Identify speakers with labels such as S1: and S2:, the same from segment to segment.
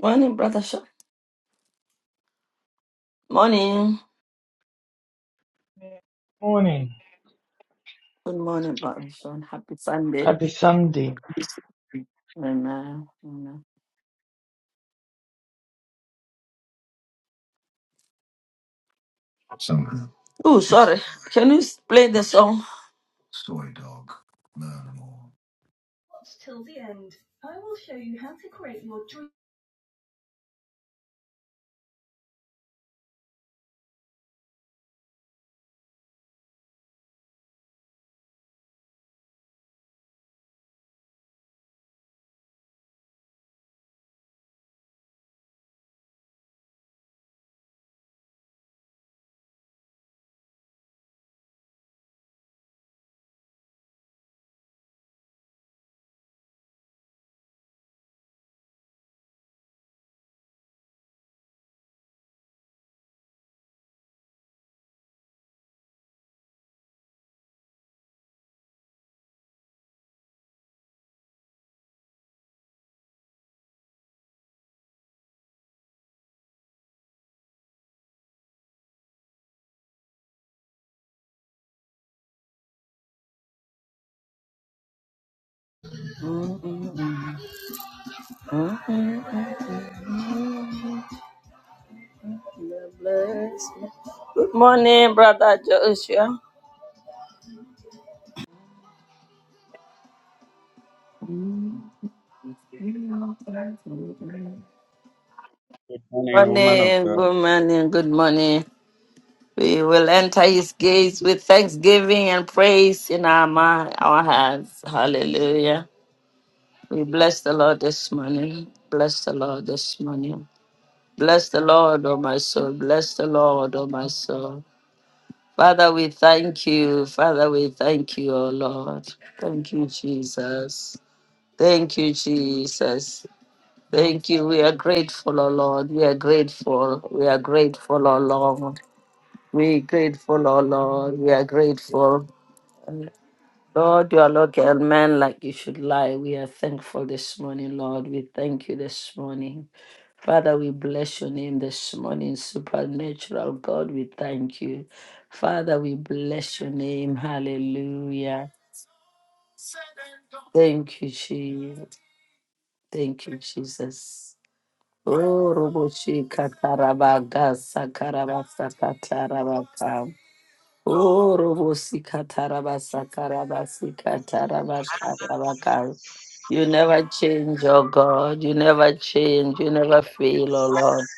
S1: Morning, Brother Sean. Morning.
S2: Morning.
S1: Good morning, Brother Sean. Happy Sunday.
S2: Happy Sunday.
S1: Amen. Amen. Oh, sorry. Can you s- play the song? Good morning, Brother Joshua.
S3: Morning, woman of
S1: Morning,
S3: God.
S1: good morning, good morning. We will enter his gates with thanksgiving and praise in our mind, our hands. Hallelujah. We bless the Lord this morning. Bless the Lord this morning. Bless the Lord, oh my soul. Bless the Lord, oh my soul. Father, we thank you. Father, we thank you, oh Lord. Thank you, Jesus. Thank you, Jesus. Thank you. We are grateful, oh Lord. We are grateful. We are grateful, oh Lord. We are grateful, oh Lord. We are grateful. Lord, you are not a man like you should lie. We are thankful this morning, Lord. We thank you this morning. Father, we bless your name this morning, supernatural God. We thank you. Father, we bless your name. Hallelujah. Thank you, Jesus. Thank you, Jesus. Oh, Roboshi Kataraba Gasa Karabasa Oh, Robo sika taraba saka raba sika taraba ka raba ka You never change, oh God. You never change. You never fail, oh Lord.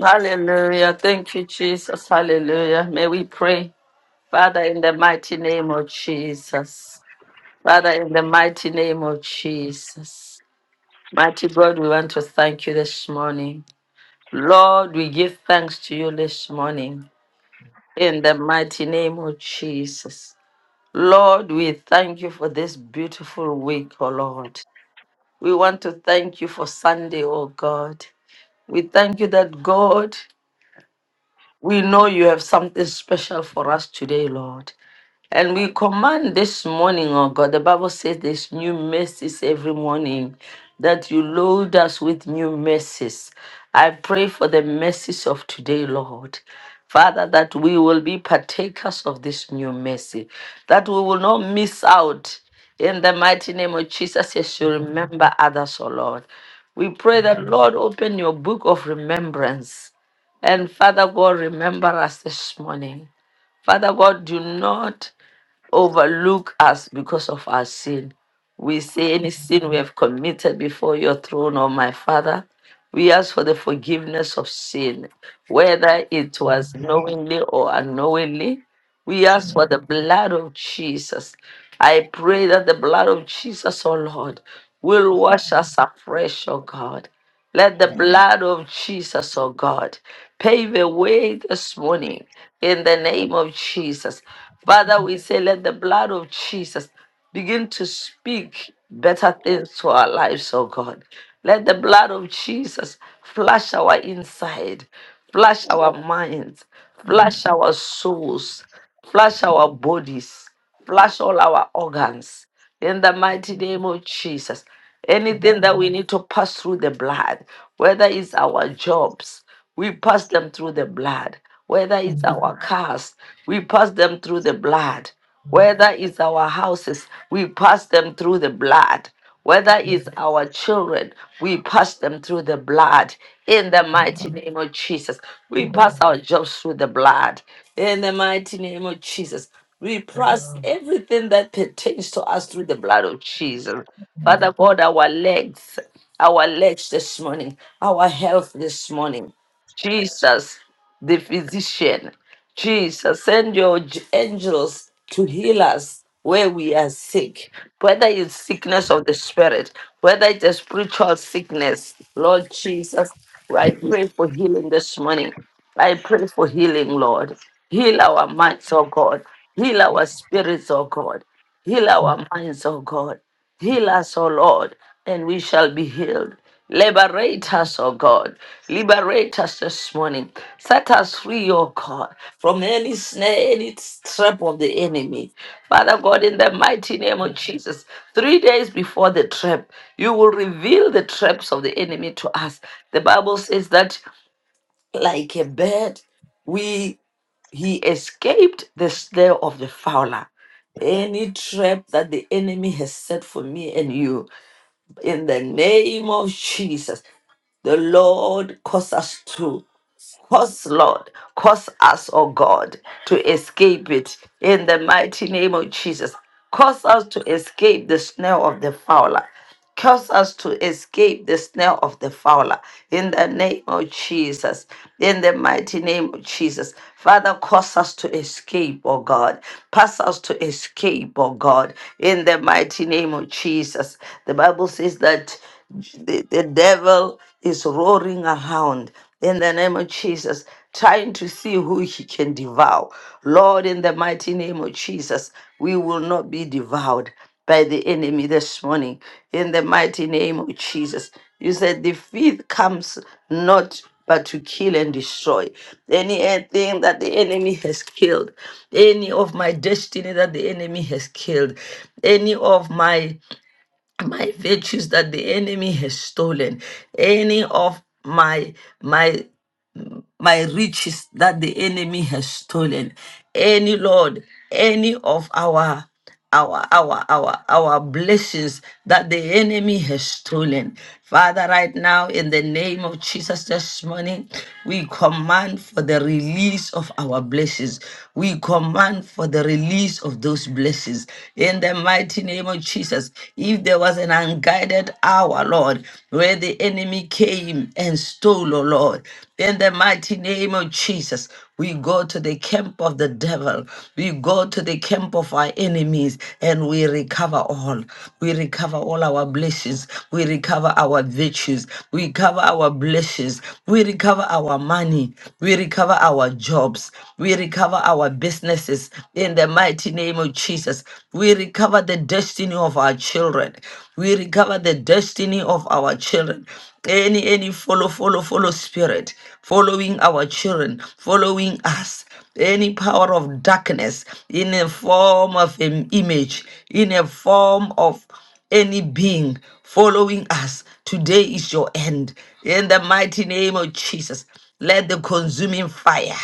S1: Hallelujah. Thank you, Jesus. Hallelujah. May we pray, Father, in the mighty name of Jesus. Father, in the mighty name of Jesus. Mighty God, we want to thank you this morning. Lord, we give thanks to you this morning in the mighty name of Jesus. Lord, we thank you for this beautiful week, O Lord. We want to thank you for Sunday, O God. We thank you that, God, we know you have something special for us today, Lord. And we command this morning, oh God, the Bible says there's new mercies every morning, that you load us with new mercies. I pray for the mercies of today, Lord. Father, that we will be partakers of this new mercy, that we will not miss out. In the mighty name of Jesus, yes, you remember others, oh Lord. We pray that, Lord, open your book of remembrance. And Father God, remember us this morning. Father God, do not overlook us because of our sin. We say any sin we have committed before your throne, O my Father. We ask for the forgiveness of sin, whether it was knowingly or unknowingly. We ask for the blood of Jesus. I pray that the blood of Jesus, O Lord, will wash us afresh, O God. Let the blood of Jesus, oh God, pave the way this morning in the name of Jesus. Father, we say, let the blood of Jesus begin to speak better things to our lives, oh God. Let the blood of Jesus flush our inside, flush our minds, flush our souls, flush our bodies flush all our organs in the mighty name of Jesus. Anything that we need to pass through the blood, whether it's our jobs, we pass them through the blood. Whether it's our
S2: Amen.
S1: cars, we pass them through the blood. Whether it's our houses, we pass them through the blood. Whether it's our children, we pass them through the blood. In the mighty name of Jesus, we pass our jobs through the blood. In the mighty name of Jesus, we press everything that pertains to us through the blood of Jesus. Father God, our legs, our legs this morning, our health this morning. Jesus, the physician. Jesus, send your j- angels to heal us where we are sick, whether it's sickness of the spirit, whether it's a spiritual sickness. Lord Jesus, I pray for healing this morning. I pray for healing, Lord. Heal our minds, oh God. Heal our spirits, oh God. Heal our minds, oh God. Heal us, O Lord, and we shall be healed. Liberate us, O God. Liberate us this morning. Set us free, O God, from any snare, any trap of the enemy. Father God, in the mighty name of Jesus, three days before the trap, you will reveal the traps of the enemy to us. The Bible says that like a bird. We he escaped the snare of the fowler. Any trap that the enemy has set for me and you, in the name of Jesus, the Lord cause us to. Cause, Lord, cause us, oh God, to escape it in the mighty name of Jesus. Cause us to escape the snare of the fowler. Cause us to escape the snare of the fowler in the name of Jesus. In the mighty name of Jesus. Father, cause us to escape, oh God. Pass us to escape, oh God. In the mighty name of Jesus. The Bible says that the, the devil is roaring around in the name of Jesus, trying to see who he can devour. Lord, in the mighty name of Jesus, we will not be devoured by the enemy this morning. In the mighty name of Jesus, you said the thief comes not but to kill and destroy anything that the enemy has killed any of my destiny that the enemy has killed any of my my virtues that the enemy has stolen any of my my my riches that the enemy has stolen. Any Lord, any of our our our our our blessings that the enemy has stolen father right now in the name of jesus this morning we command for the release of our blessings we command for the release of those blessings in the mighty name of jesus if there was an unguided hour lord where the enemy came and stole oh lord in the mighty name of Jesus, we go to the camp of the devil. We go to the camp of our enemies and we recover all. We recover all our blessings. We recover our virtues. We recover our blessings. We recover our money. We recover our jobs. We recover our businesses in the mighty name of Jesus. We recover the destiny of our children. We recover the destiny of our children any any follow follow follow spirit following our children following us any power of darkness in a form of an image in a form of any being following us today is your end in the mighty name of jesus let the consuming fire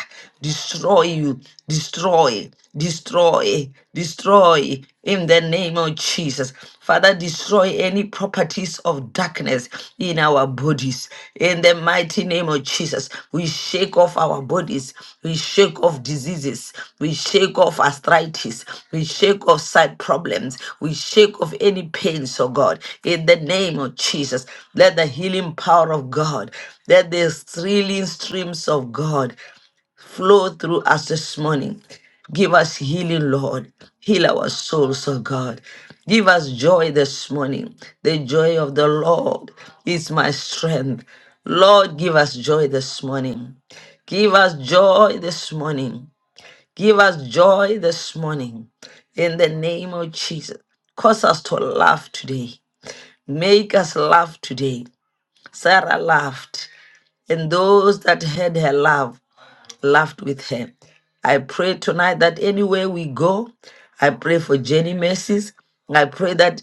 S1: destroy you, destroy, destroy, destroy in the name of Jesus. Father, destroy any properties of darkness in our bodies. In the mighty name of Jesus, we shake shake off our bodies, we shake off diseases, we shake off arthritis, we shake off side problems, we shake off any pains, oh God, in the name of Jesus. Let the healing power of God, let the thrilling streams of God flow through us this morning. Give us healing, Lord. Heal our souls, oh God. Give us joy this morning. The joy of the Lord is my strength. Lord, give us joy this morning. Give us joy this morning. Give us joy this morning. In the name of Jesus. Cause us to laugh today. Make us laugh today. Sarah laughed, and those that heard her laugh laughed with her. I pray tonight that anywhere we go, I pray for Jenny mercies. I pray that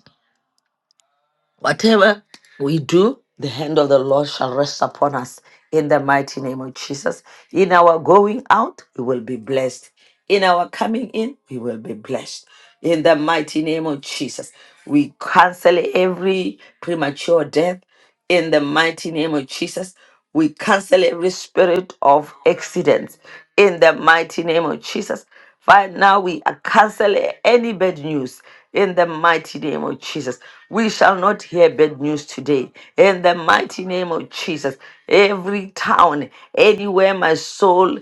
S1: whatever we do, the hand of the Lord shall rest upon us in the mighty name of Jesus. In our going out, we will be blessed. In our coming in, we will be blessed. In the mighty name of Jesus, we cancel every premature death in the mighty name of Jesus. We cancel every spirit of accidents in the mighty name of Jesus. Right now, we cancel any bad news in the mighty name of Jesus. We shall not hear bad news today in the mighty name of Jesus. Every town, anywhere my soul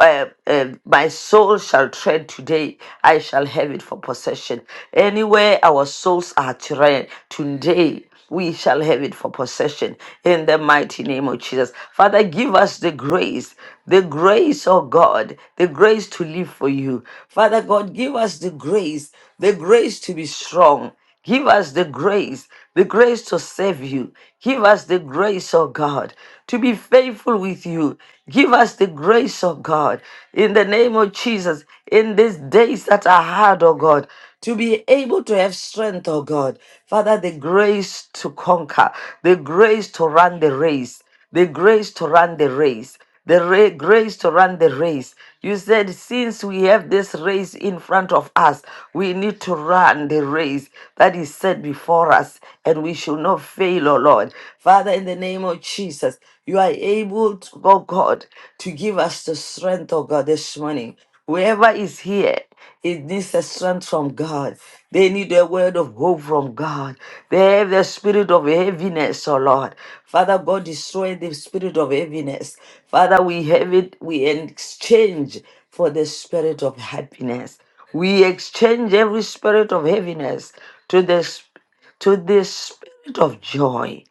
S1: uh, uh, my soul shall tread today. I shall have it for possession. Anywhere our souls are tread today we shall have it for possession in the mighty name of Jesus. Father, give us the grace, the grace, oh God, the grace to live for you. Father God, give us the grace, the grace to be strong. Give us the grace, the grace to serve you. Give us the grace, oh God, to be faithful with you. Give us the grace, oh God, in the name of Jesus, in these days that are hard, oh God, to be able to have strength, oh God. Father, the grace grace to conquer, the grace to run the race, the grace to run the race, the ra- grace to run the race. You said, since we have this race in front of us, we need to run the race that is set before us, and we should not fail, O Lord. Father, in the name of Jesus, you are able, to, oh God, to give us the strength, oh God, this morning. Whoever is here, it needs a strength from God. They need a word of hope from God. They have the spirit of heaviness, oh Lord. Father God, destroy the spirit of heaviness. Father, we have it, we exchange for the spirit of happiness. We exchange every spirit of heaviness to this to the spirit of joy.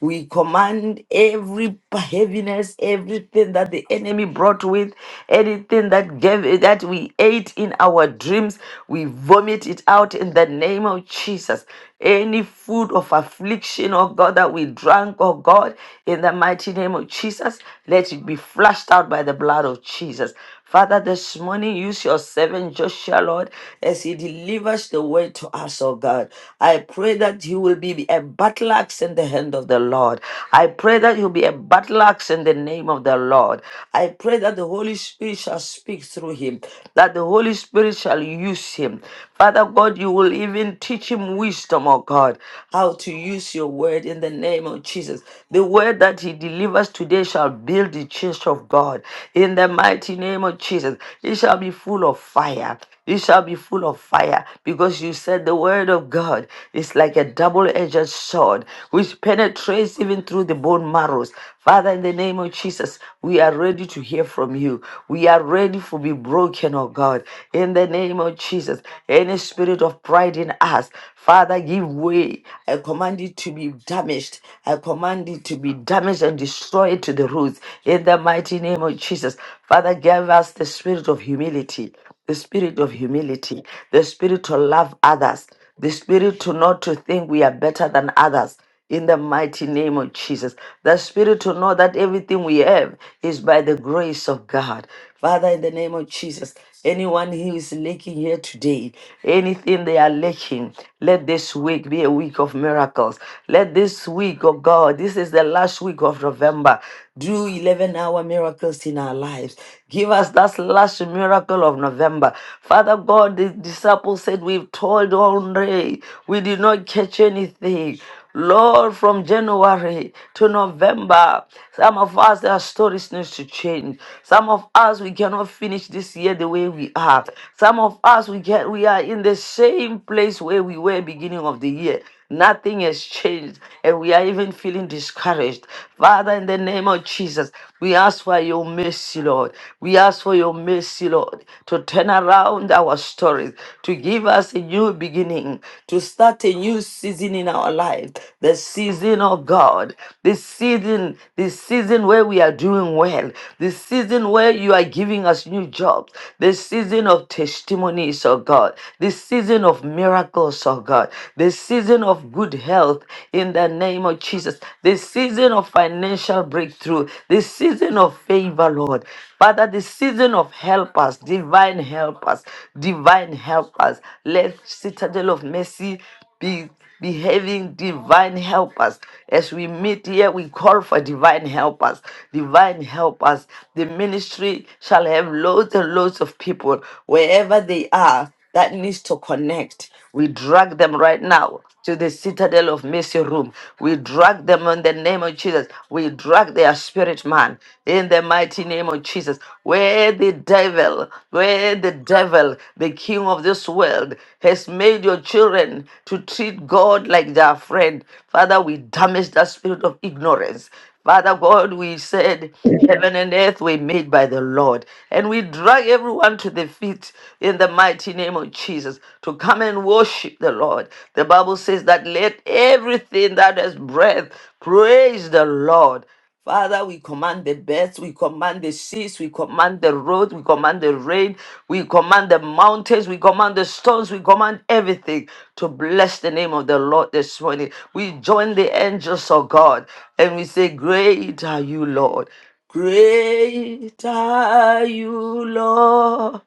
S1: We command every heaviness, everything that the enemy brought with, anything that gave that we ate in our dreams, we vomit it out in the name of Jesus. Any food of affliction, oh God, that we drank, oh God, in the mighty name of Jesus, let it be flushed out by the blood of Jesus. Father, this morning use your servant Joshua, Lord, as he delivers the word to us, oh God. I pray that he will be a battle axe in the hand of the Lord. I pray that he will be a battle axe in the name of the Lord. I pray that the Holy Spirit shall speak through him, that the Holy Spirit shall use him. Father God, you will even teach him wisdom, oh God, how to use your word in the name of Jesus. The word that he delivers today shall build the church of God. God. In the mighty name of Jesus, it shall be full of fire. It shall be full of fire because you said the word of God is like a double edged sword which penetrates even through the bone marrows. Father, in the name of Jesus, we are ready to hear from you. We are ready to be broken, oh God. In the name of Jesus, any spirit of pride in us, Father, give way. I command it to be damaged. I command it to be damaged and destroyed down to the roots in the mighty name of Jesus. Father, give us the spirit of humility, the spirit of humility, the spirit to love others, the spirit to not to think we are better than others. In the mighty name of Jesus, the spirit to know that everything we have is by the grace of God. Father, in the name of Jesus, Anyone who is lacking here today, anything they are lacking, let this week be a week of miracles. Let this week, oh God, this is the last week of November. Do 11 hour miracles in our lives. Give us that last miracle of November. Father God, the disciples said, We've toiled all day. We did not catch anything. Lord, from January to November, some of us, our stories needs to change. Some of us, we cannot finish this year the way we are. Some of us, we get, we are in the same place where we were beginning of the year. Nothing has changed, and we are even feeling discouraged. Father, in the name of Jesus, we ask for your mercy, Lord. We ask for your mercy, Lord, to turn around our stories, to give us a new beginning, to start a new season in our life, the season of God, this season, this season where we are doing well, this season where you are giving us new jobs, this season of testimonies, oh God, this season of miracles, oh God, this season of good health in the in the name of Jesus. This season of financial breakthrough, this season of favor, Lord. Father, the season of helpers, divine helpers, divine helpers. Let Citadel of Mercy be behaving divine helpers. As we meet here, we call for divine helpers. Divine helpers. The ministry shall have loads and loads of people wherever they are that needs to connect. We drag them right now to the citadel of mercy room. We drag them in the name of Jesus. We drag their spirit man in the mighty name of Jesus. Where the devil, where the devil, the king of this world, has made your children to treat God like their friend. Father, we damage that spirit of ignorance Father God, we said, Heaven and earth were made by the Lord. And we drag everyone to the feet in the mighty name of Jesus to come and worship the Lord. The Bible says that let everything that has breath praise the Lord. Father, we command the birds, we command the seas, we command the road, we command the rain, we command the mountains, we command the stones, we command everything to bless the name of the Lord this morning. We join the angels of God and we say, Great are you, Lord. Great are you, Lord.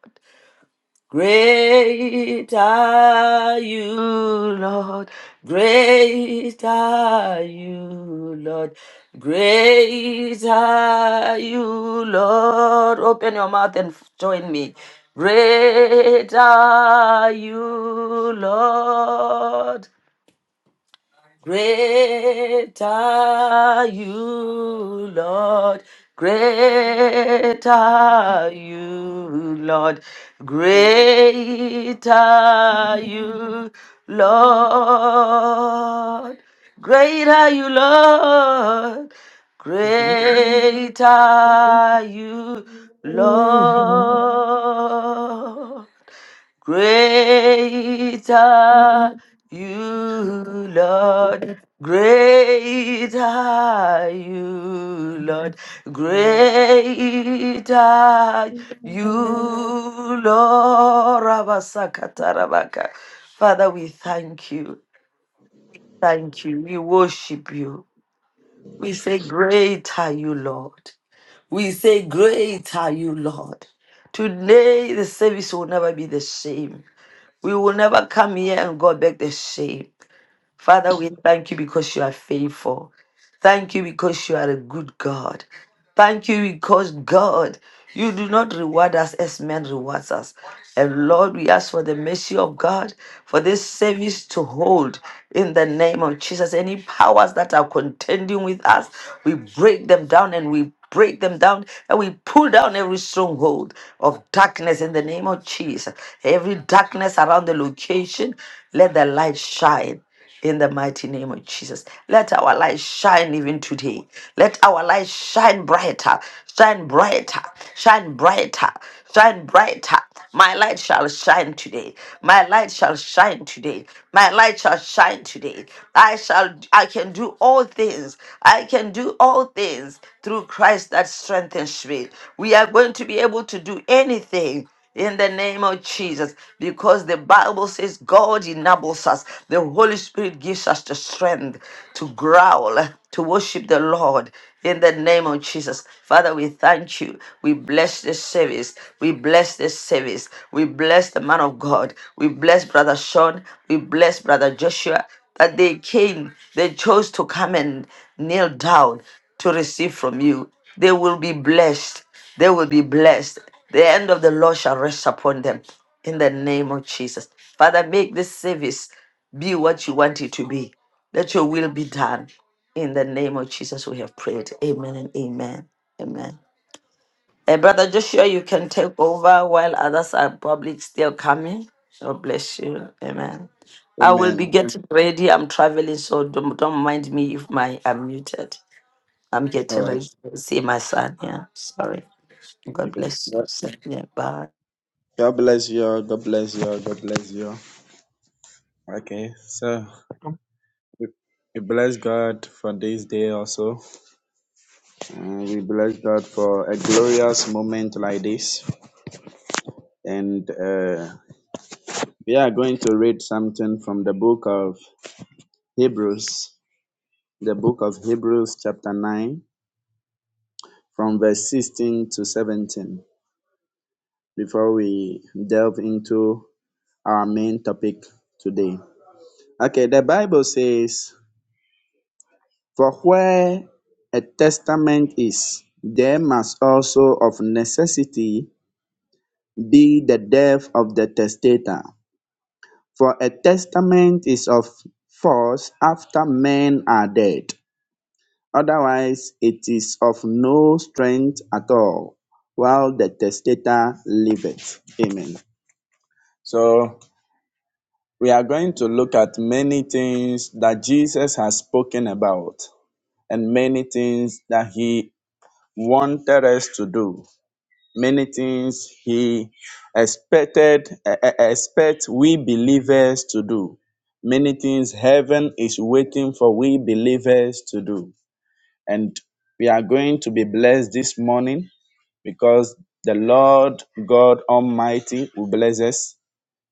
S1: Great are you, Lord. Great are you, Lord. Great are you, Lord. Open your mouth and f- join me. Great are you, Lord. Great are you, Lord. Great are you, Lord.
S3: Mhm.
S1: Great are you, Lord. Great are you, Lord. Great are you, Lord. Great are you, Lord. Great are you, Lord. Great are you, Lord. Rabasakatarabaka. Father, we thank you. Thank you. We worship you. We say, Great are you, Lord. We say, Great are you, Lord. Today, the service will never be the same. We will never come here and go back the same. Father, we thank you because you are faithful. Thank you because you are a good God. Thank you because God, you do not reward us as man rewards us. And Lord, we ask for the mercy of God for this service to hold in the name of Jesus. Any powers that are contending with us, we break them down and we break them down and we pull down every stronghold of darkness in the name of Jesus. Every darkness around the location, let the light shine in the mighty name of Jesus. Let our light shine even today. Let our light shine brighter, shine brighter, shine brighter, shine brighter. My light shall shine today. My light shall shine today. My light shall shine today. I shall I can do all things. I can do all things through Christ that strengthens me. We are going to be able to do anything in the name of Jesus, because the Bible says God enables us. The Holy Spirit gives us the strength to growl, to worship the Lord in the name of Jesus. Father, we thank you. We bless this service. We bless this service. We bless the man of God. We bless Brother Sean. We bless Brother Joshua. That they came, they chose to come and kneel down to receive from you. They will be blessed. They will be blessed. The hand of the Lord shall rest upon them in the name of Jesus. Father, make this service be what you want it to be. Let your will be done. In the name of Jesus, we have prayed. Amen and amen. Amen. Eh, Brother Joshua, you can take over while others are probably still coming. God bless you. Amen. I will be
S3: Amen.
S1: getting ready. I'm traveling, so don't, don't mind me if my I'm muted. I'm getting
S3: Uh,
S1: ready to see my son. Yeah, sorry. God
S3: okay.
S1: bless
S3: God
S1: you. Yeah, bye.
S3: God bless you. all, God bless you. all, God bless you. all. Okay, so we we bless God for this day also. And we bless God for a glorious moment like this. And uh, we are going to read something from the book of Hebrews, the book of Hebrews, chapter 9, from verse 16 to 17. before we delve into our main topic today. Okay, the Bible says, For where a testament is, there must also of necessity be the death of the testator. For a testament is of force after men are dead. Otherwise, it is of no strength at all while the testator liveth. Amen. So, we are going to look at many things that Jesus has spoken about and many things that he wanted us to do, many things he expected e- e- expect we believers to do, many things heaven is waiting for we believers to do. And we are going to be blessed this morning because the Lord God Almighty will bless us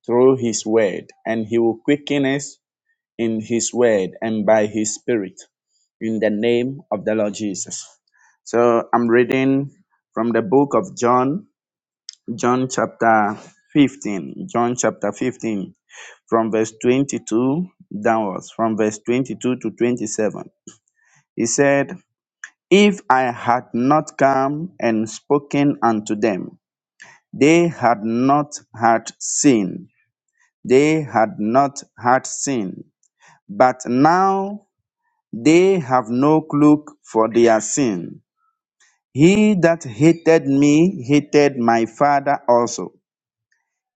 S3: through his word and he will quicken us in his word and by his spirit in the name of the Lord Jesus. So I'm reading from the book of John, John chapter 15, John chapter 15, from verse 22 downwards, from verse 22 to 27. He said, If I had not come and spoken unto them, they had not had sin. They had not had sin. But now They have no cloak for their sin. He that hated me hated my Father also.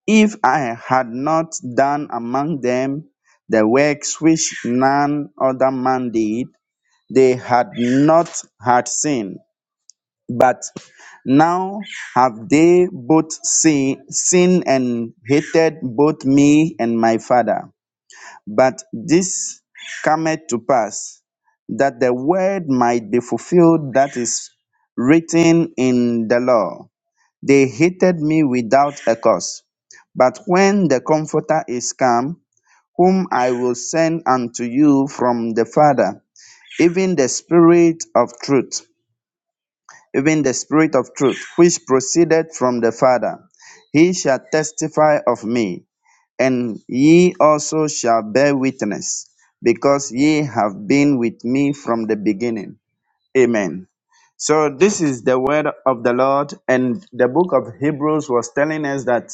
S3: If I had not done among them the works which none other man did, they had not had sin. But now have they both sin, sinned and hated both me and my Father. But this cometh to pass, that the word might be fulfilled that is written in the law. They hated me without a cause. But when the Comforter is come, whom I will send unto you from the Father, even the Spirit of truth, even the Spirit of truth, which proceeded from the Father. He shall testify of me, and ye also shall bear witness, because ye have been with me from the beginning. Amen. So, this is the word of the Lord, and the book of Hebrews was telling us that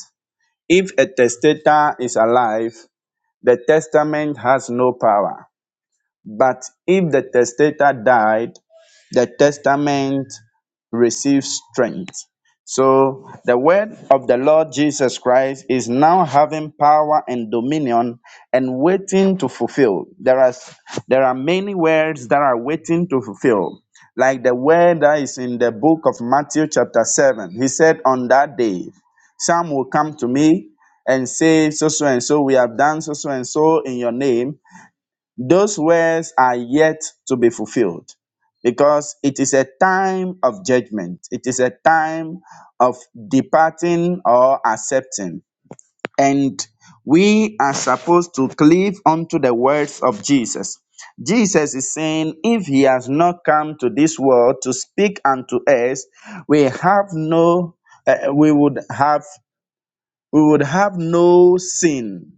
S3: if a testator is alive, the testament has no power. But if the testator died, the testament receives strength. So the word of the Lord Jesus Christ is now having power and dominion and waiting to fulfill. There are s- there are many words that are waiting to fulfill. Like the word that is in the book of Matthew chapter 7. He said on that day, some will come to me and say so so and so we have done so so and so in your name those words are yet to be fulfilled because it is a time of judgment. It is a time of departing or accepting. And we are supposed to cleave unto the words of Jesus. Jesus is saying, if he has not come to this world to speak unto us, we have no, uh, we would have we would have no sin.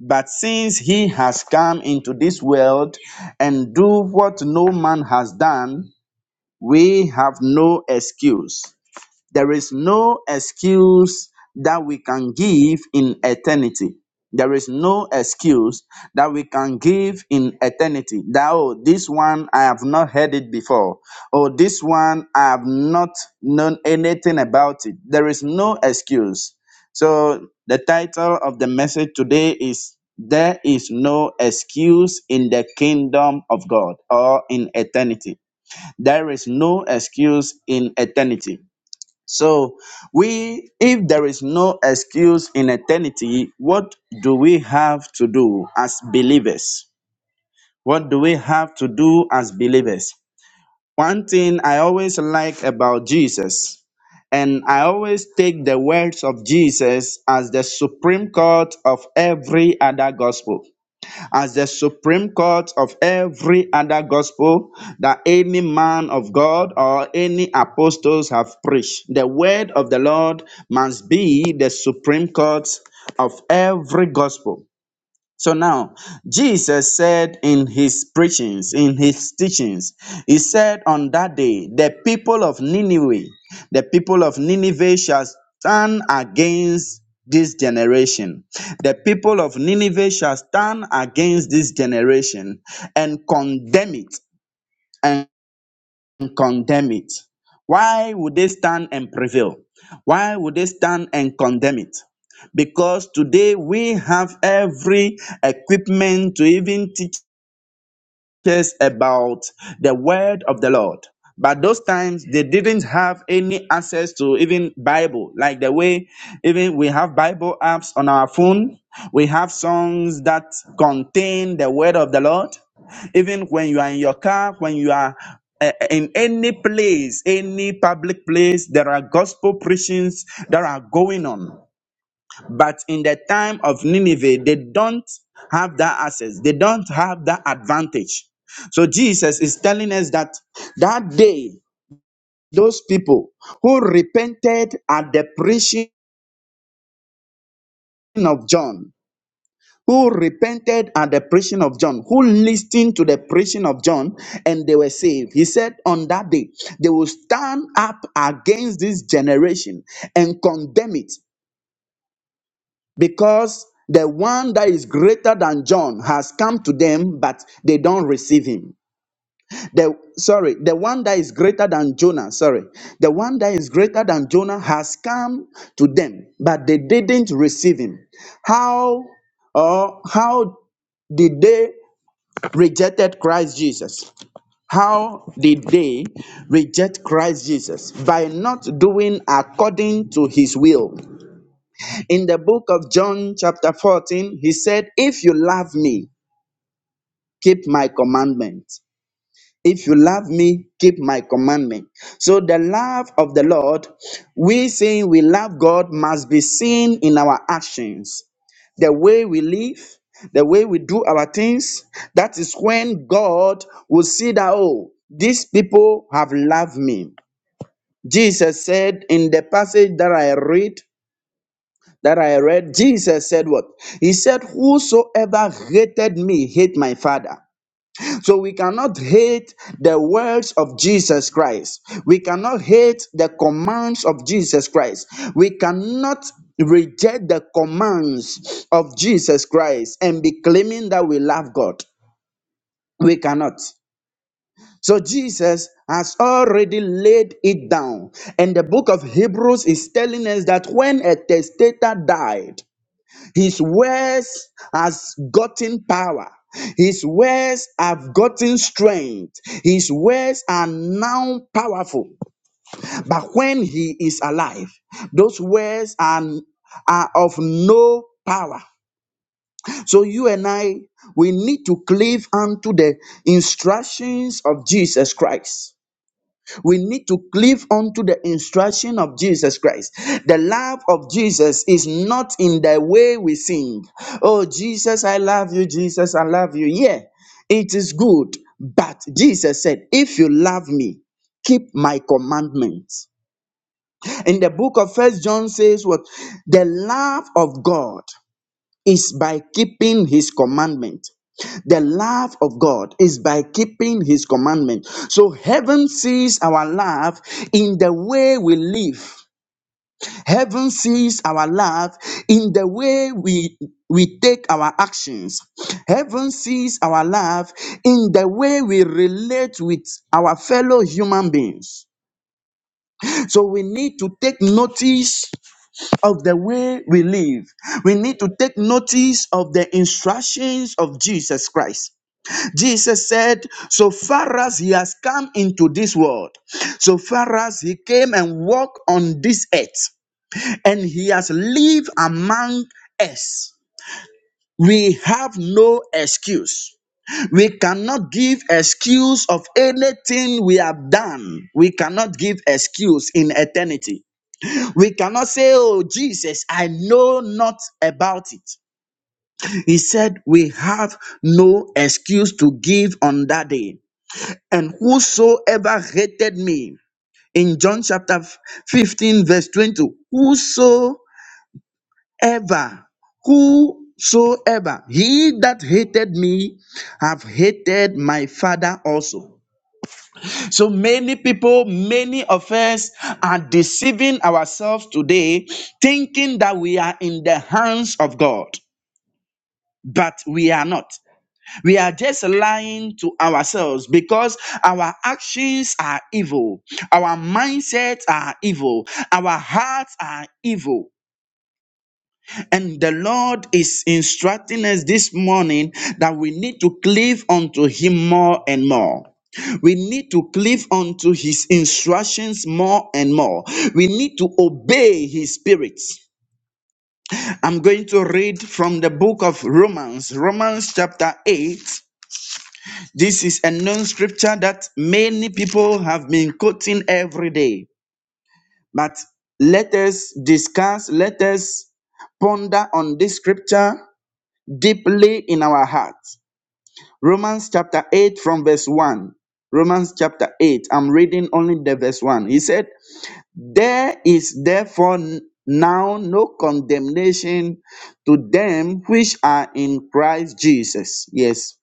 S3: But since he has come into this world and do what no man has done, we have no excuse. There is no excuse that we can give in eternity. There is no excuse that we can give in eternity. That, oh, this one I have not heard it before. Oh, this one I have not known anything about it. There is no excuse. So, the title of the message today is There is no excuse in the kingdom of God or in eternity. There is no excuse in eternity. So we if there is no excuse in eternity, what do we have to do as believers? What do we have to do as believers? One thing I always like about Jesus, and I always take the words of Jesus as the supreme court of every other gospel as the supreme court of every other gospel that any man of God or any apostles have preached. The word of the Lord must be the supreme court of every gospel. So now, Jesus said in his preachings, in his teachings, he said on that day, the people of Nineveh, the people of Nineveh shall stand against this generation. The people of Nineveh shall stand against this generation and condemn it and condemn it? Why would they stand and prevail? Why would they stand and condemn it? Because today we have every equipment to even teach teachers about the word of the Lord. But those times they didn't have any access to even Bible, like the way even we have Bible apps on our phone. We have songs that contain the word of the Lord. Even when you are in your car, when you are uh, in any place, any public place, there are gospel preachings that are going on. But in the time of Nineveh, they don't have that access, they don't have that advantage. So Jesus is telling us that that day, those people who repented at the preaching of John, who repented at the preaching of John, who listened to the preaching of John, and they were saved. He said, On that day, they will stand up against this generation and condemn it. because the one that is greater than John has come to them, but they don't receive him. The sorry, the one that is greater than Jonah, sorry, the one that is greater than Jonah has come to them, but they didn't receive him. How or how did they rejected Christ Jesus? How did they reject Christ Jesus? By not doing according to his will. In the book of John, chapter 14, he said, If you love me, keep my commandment. If you love me, keep my commandment. So, the love of the Lord, we saying we love God, must be seen in our actions the way we live, the way we do our things, that is when God will see that, oh, these people have loved me. Jesus said in the passage that I read, that I read, Jesus said what? He said, Whosoever hated me, hate my father. So we cannot hate the words of Jesus Christ. We cannot hate the commands of Jesus Christ. We cannot reject the commands of Jesus Christ and be claiming that we love God. We cannot. So Jesus has already laid it down. And the book of Hebrews is telling us that when a testator died, his words has gotten power. His words have gotten strength. His words are now powerful. But when he is alive, those words are, are of no power. So you and I, we need to cleave unto the instructions of Jesus Christ. We need to cleave unto the instruction of Jesus Christ. The love of Jesus is not in the way we sing. Oh, Jesus, I love you. Jesus, I love you. Yeah, it is good. But Jesus said, if you love me, keep my commandments. In the book of First John says what? The love of God is by keeping his commandment. The love of God is by keeping his commandment. So heaven sees our love in the way we live. Heaven sees our love in the way we we take our actions. Heaven sees our love in the way we relate with our fellow human beings. So we need to take notice of the way we live. We need to take notice of the instructions of Jesus Christ. Jesus said, so far as he has come into this world, so far as he came and walked on this earth, and he has lived among us, we have no excuse. We cannot give excuse of anything we have done. We cannot give excuse in eternity. We cannot say, Oh, Jesus, I know not about it. He said, We have no excuse to give on that day. And whosoever hated me, in John chapter 15, verse 20, whosoever, whosoever, he that hated me, have hated my father also. So many people, many of us are deceiving ourselves today, thinking that we are in the hands of God, but we are not. We are just lying to ourselves because our actions are evil, our mindsets are evil, our hearts are evil. And the Lord is instructing us this morning that we need to cleave unto Him more and more. We need to cleave unto His instructions more and more. We need to obey His Spirit. I'm going to read from the book of Romans, Romans chapter 8. This is a known scripture that many people have been quoting every day. But let us discuss, let us ponder on this scripture deeply in our hearts. Romans chapter 8 from verse 1. Romans chapter 8. I'm reading only the verse 1. He said, There is therefore n- now no condemnation to them which are in Christ Jesus. Yes.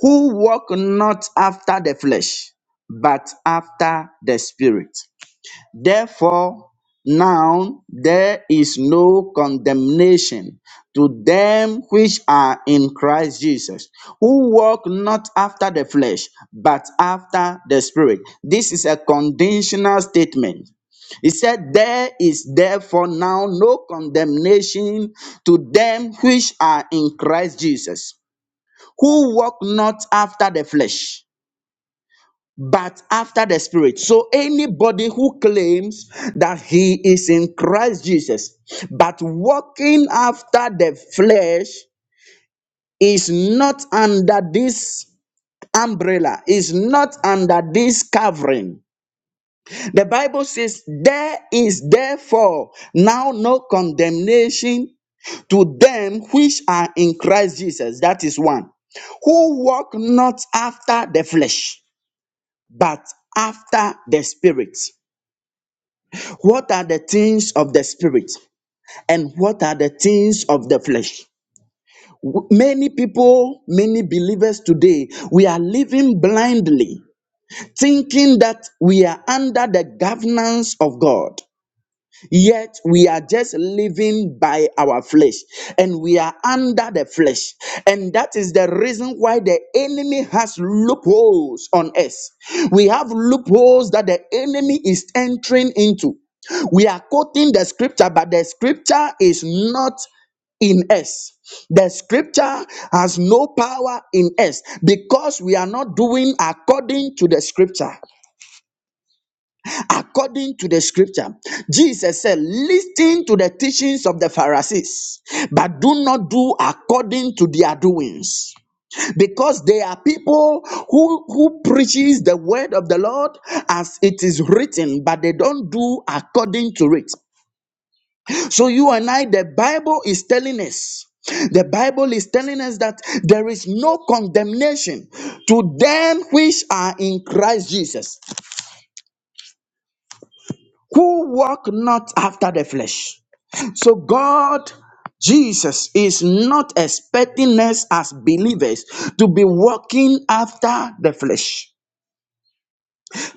S3: Who walk not after the flesh, but after the spirit. Therefore, now there is no condemnation to them which are in Christ Jesus, who walk not after the flesh, but after the Spirit. This is a conditional statement. He said, There is therefore now no condemnation to them which are in Christ Jesus, who walk not after the flesh but after the spirit. So anybody who claims that he is in Christ Jesus, but walking after the flesh is not under this umbrella, is not under this covering. The Bible says, There is therefore now no condemnation to them which are in Christ Jesus. That is one. Who walk not after the flesh, but after the spirit. What are the things of the spirit and what are the things of the flesh? Many people, many believers today, we are living blindly, thinking that we are under the governance of God. Yet we are just living by our flesh and we are under the flesh. And that is the reason why the enemy has loopholes on us. We have loopholes that the enemy is entering into. We are quoting the scripture, but the scripture is not in us. The scripture has no power in us because we are not doing according to the scripture. According to the scripture, Jesus said, Listen to the teachings of the Pharisees, but do not do according to their doings. Because they are people who, who preaches the word of the Lord as it is written, but they don't do according to it. So you and I, the Bible is telling us the Bible is telling us that there is no condemnation to them which are in Christ Jesus, who walk not after the flesh. So God, Jesus, is not expecting us as believers to be walking after the flesh.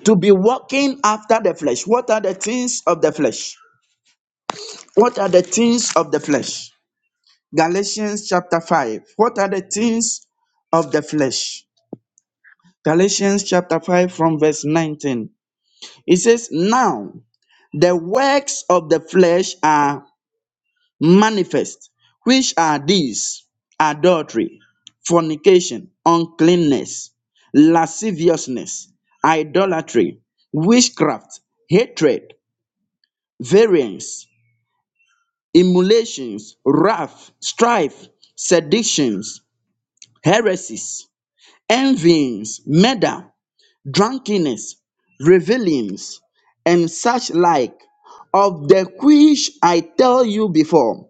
S3: To be walking after the flesh. What are the things of the flesh? What are the things of the flesh? Galatians chapter 5. What are the things of the flesh? Galatians chapter 5 from verse 19. It says, Now the works of the flesh are manifest, which are these adultery, fornication, uncleanness, lasciviousness, idolatry, witchcraft, hatred, variance, emulations, wrath, strife, seditions, heresies, envyings, murder, drunkenness, revelings, and such like, of the which I tell you before,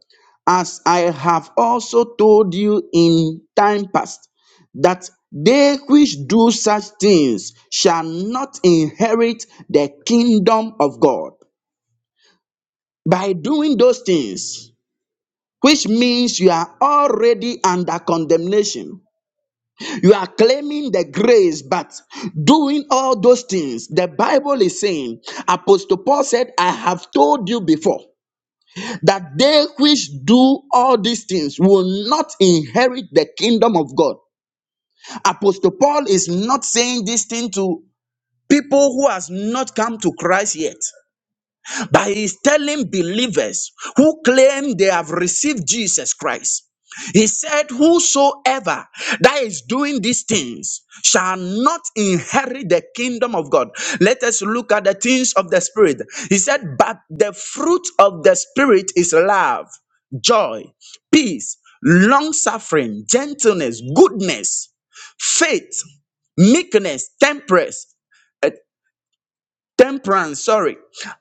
S3: as I have also told you in time past, that they which do such things shall not inherit the kingdom of God. By doing those things, which means you are already under condemnation you are claiming the grace, but doing all those things. The Bible is saying, Apostle Paul said, I have told you before that they which do all these things will not inherit the kingdom of God. Apostle Paul is not saying this thing to people who has not come to Christ yet. But he's telling believers who claim they have received Jesus Christ. He said, Whosoever that is doing these things shall not inherit the kingdom of God. Let us look at the things of the Spirit. He said, But the fruit of the Spirit is love, joy, peace, long suffering, gentleness, goodness, faith, meekness, temperance temperance, sorry.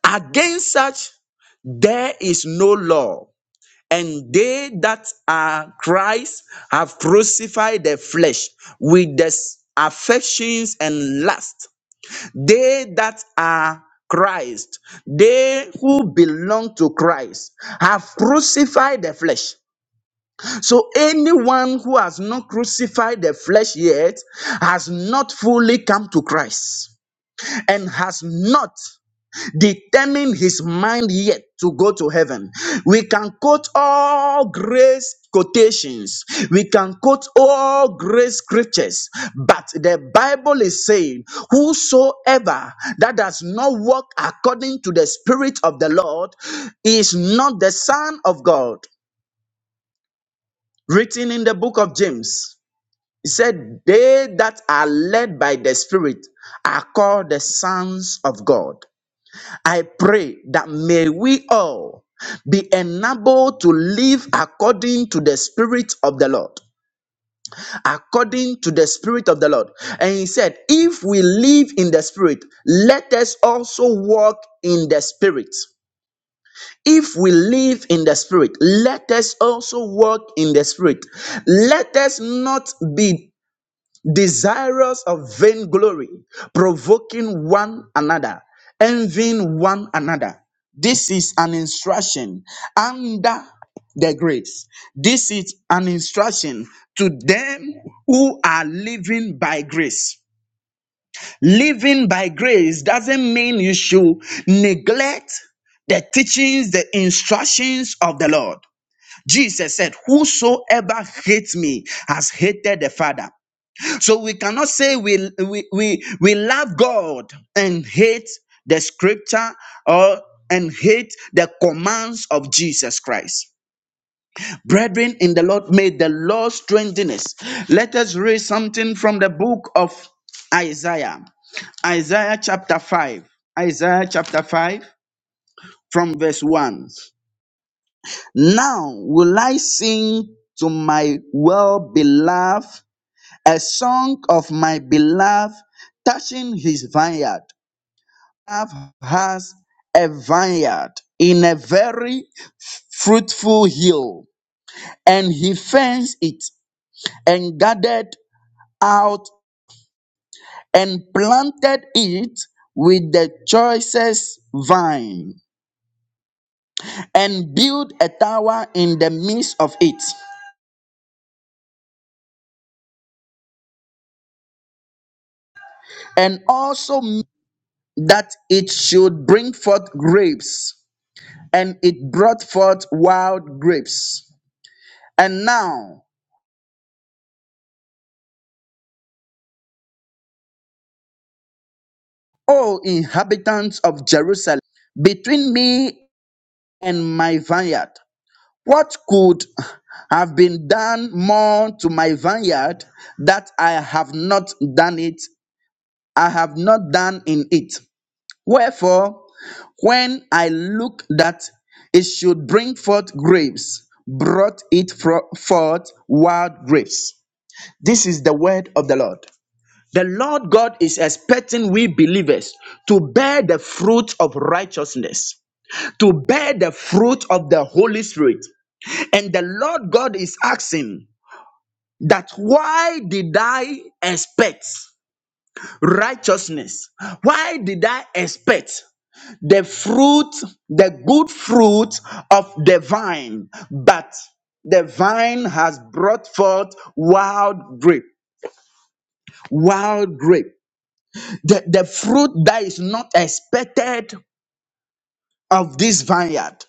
S3: Against such there is no law. And they that are Christ have crucified the flesh with the s- affections and lust. They that are Christ, they who belong to Christ, have crucified the flesh. So anyone who has not crucified the flesh yet has not fully come to Christ and has not determine his mind yet to go to heaven. We can quote all grace quotations, we can quote all grace scriptures, but the Bible is saying, Whosoever that does not walk according to the Spirit of the Lord is not the Son of God. Written in the book of James, he said, They that are led by the Spirit are called the sons of God. I pray that may we all be enabled to live according to the Spirit of the Lord. According to the Spirit of the Lord. And he said, If we live in the Spirit, let us also walk in the Spirit. If we live in the Spirit, let us also walk in the Spirit. Let us not be desirous of vainglory, provoking one another, envying one another. This is an instruction under the grace. This is an instruction to them who are living by grace. Living by grace doesn't mean you should neglect the teachings, the instructions of the Lord. Jesus said, Whosoever hates me has hated the Father. So we cannot say we, we, we, we love God and hate the scripture or and hate the commands of Jesus Christ. Brethren in the Lord, may the Lord strengthen us. Let us read something from the book of Isaiah. Isaiah chapter 5. Isaiah chapter 5 from verse 1. Now will I sing to my well beloved a song of my beloved touching his vineyard. Love has a vineyard in a very fruitful hill, and he fenced it and gathered out and planted it with the choicest vine and built a tower in the midst of it, and also made that it should bring forth grapes, and it brought forth wild grapes. And now, O inhabitants of Jerusalem, between me and my vineyard, what could have been done more to my vineyard that I have not done it? I have not done in it. Wherefore, when I look that it should bring forth grapes, brought it fro- forth wild grapes. This is the word of the Lord. The Lord God is expecting we believers to bear the fruit of righteousness, to bear the fruit of the Holy Spirit. And the Lord God is asking that why did I expect righteousness? Why did I expect the fruit, the good fruit of the vine, but the vine has brought forth wild grape, wild grape. the, the fruit that is not expected of this vineyard.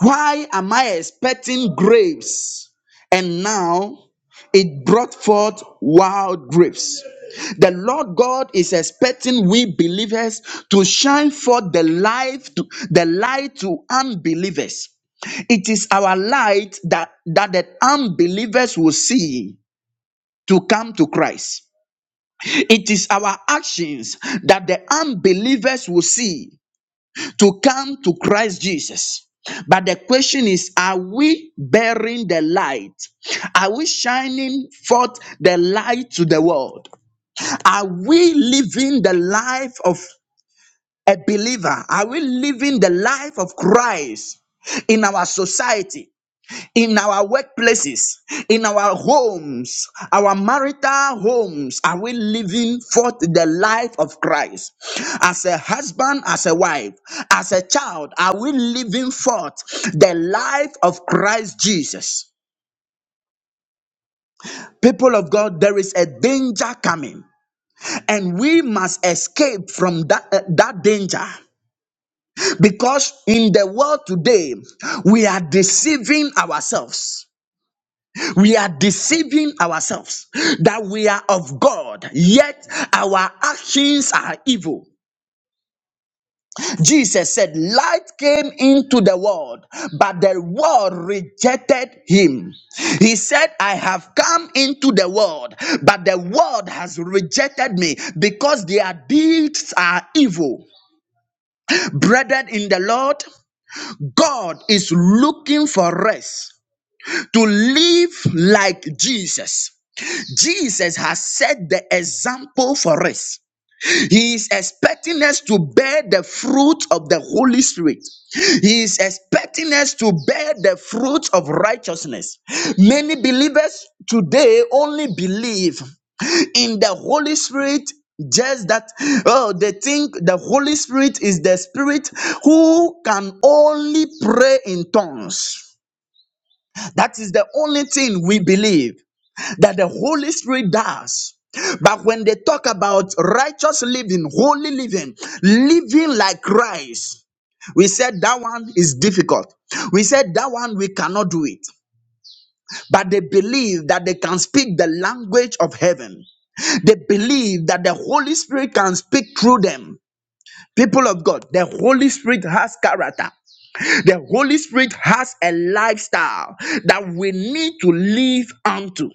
S3: Why am I expecting grapes? And now it brought forth wild grapes. The Lord God is expecting we believers to shine forth the light to the light to unbelievers. It is our light that, that the unbelievers will see to come to Christ. It is our actions that the unbelievers will see to come to Christ Jesus. But the question is, are we bearing the light? Are we shining forth the light to the world? Are we living the life of a believer? Are we living the life of Christ in our society? in our workplaces, in our homes, our marital homes, are we living forth the life of Christ? As a husband, as a wife, as a child, are we living forth the life of Christ Jesus? People of God, there is a danger coming, and we must escape from that, uh, that danger. Because in the world today, we are deceiving ourselves. we are deceiving ourselves that we are of God, yet our actions are evil. Jesus said, Light came into the world, but the world rejected him. He said, I have come into the world, but the world has rejected me because their deeds are evil. Brethren in the Lord, God is looking for us to live like Jesus. Jesus has set the example for us. He is expecting us to bear the fruit of the Holy Spirit. He is expecting us to bear the fruit of righteousness. Many believers today only believe in the Holy Spirit. Just that, oh, they think the Holy Spirit is the Spirit who can only pray in tongues. That is the only thing we believe that the Holy Spirit does. But when they talk about righteous living, holy living, living like Christ, we said that one is difficult. We said that one we cannot do it. But they believe that they can speak the language of heaven. They believe that the Holy Spirit can speak through them. People of God, the Holy Spirit has character. The Holy Spirit has a lifestyle that we need to live unto.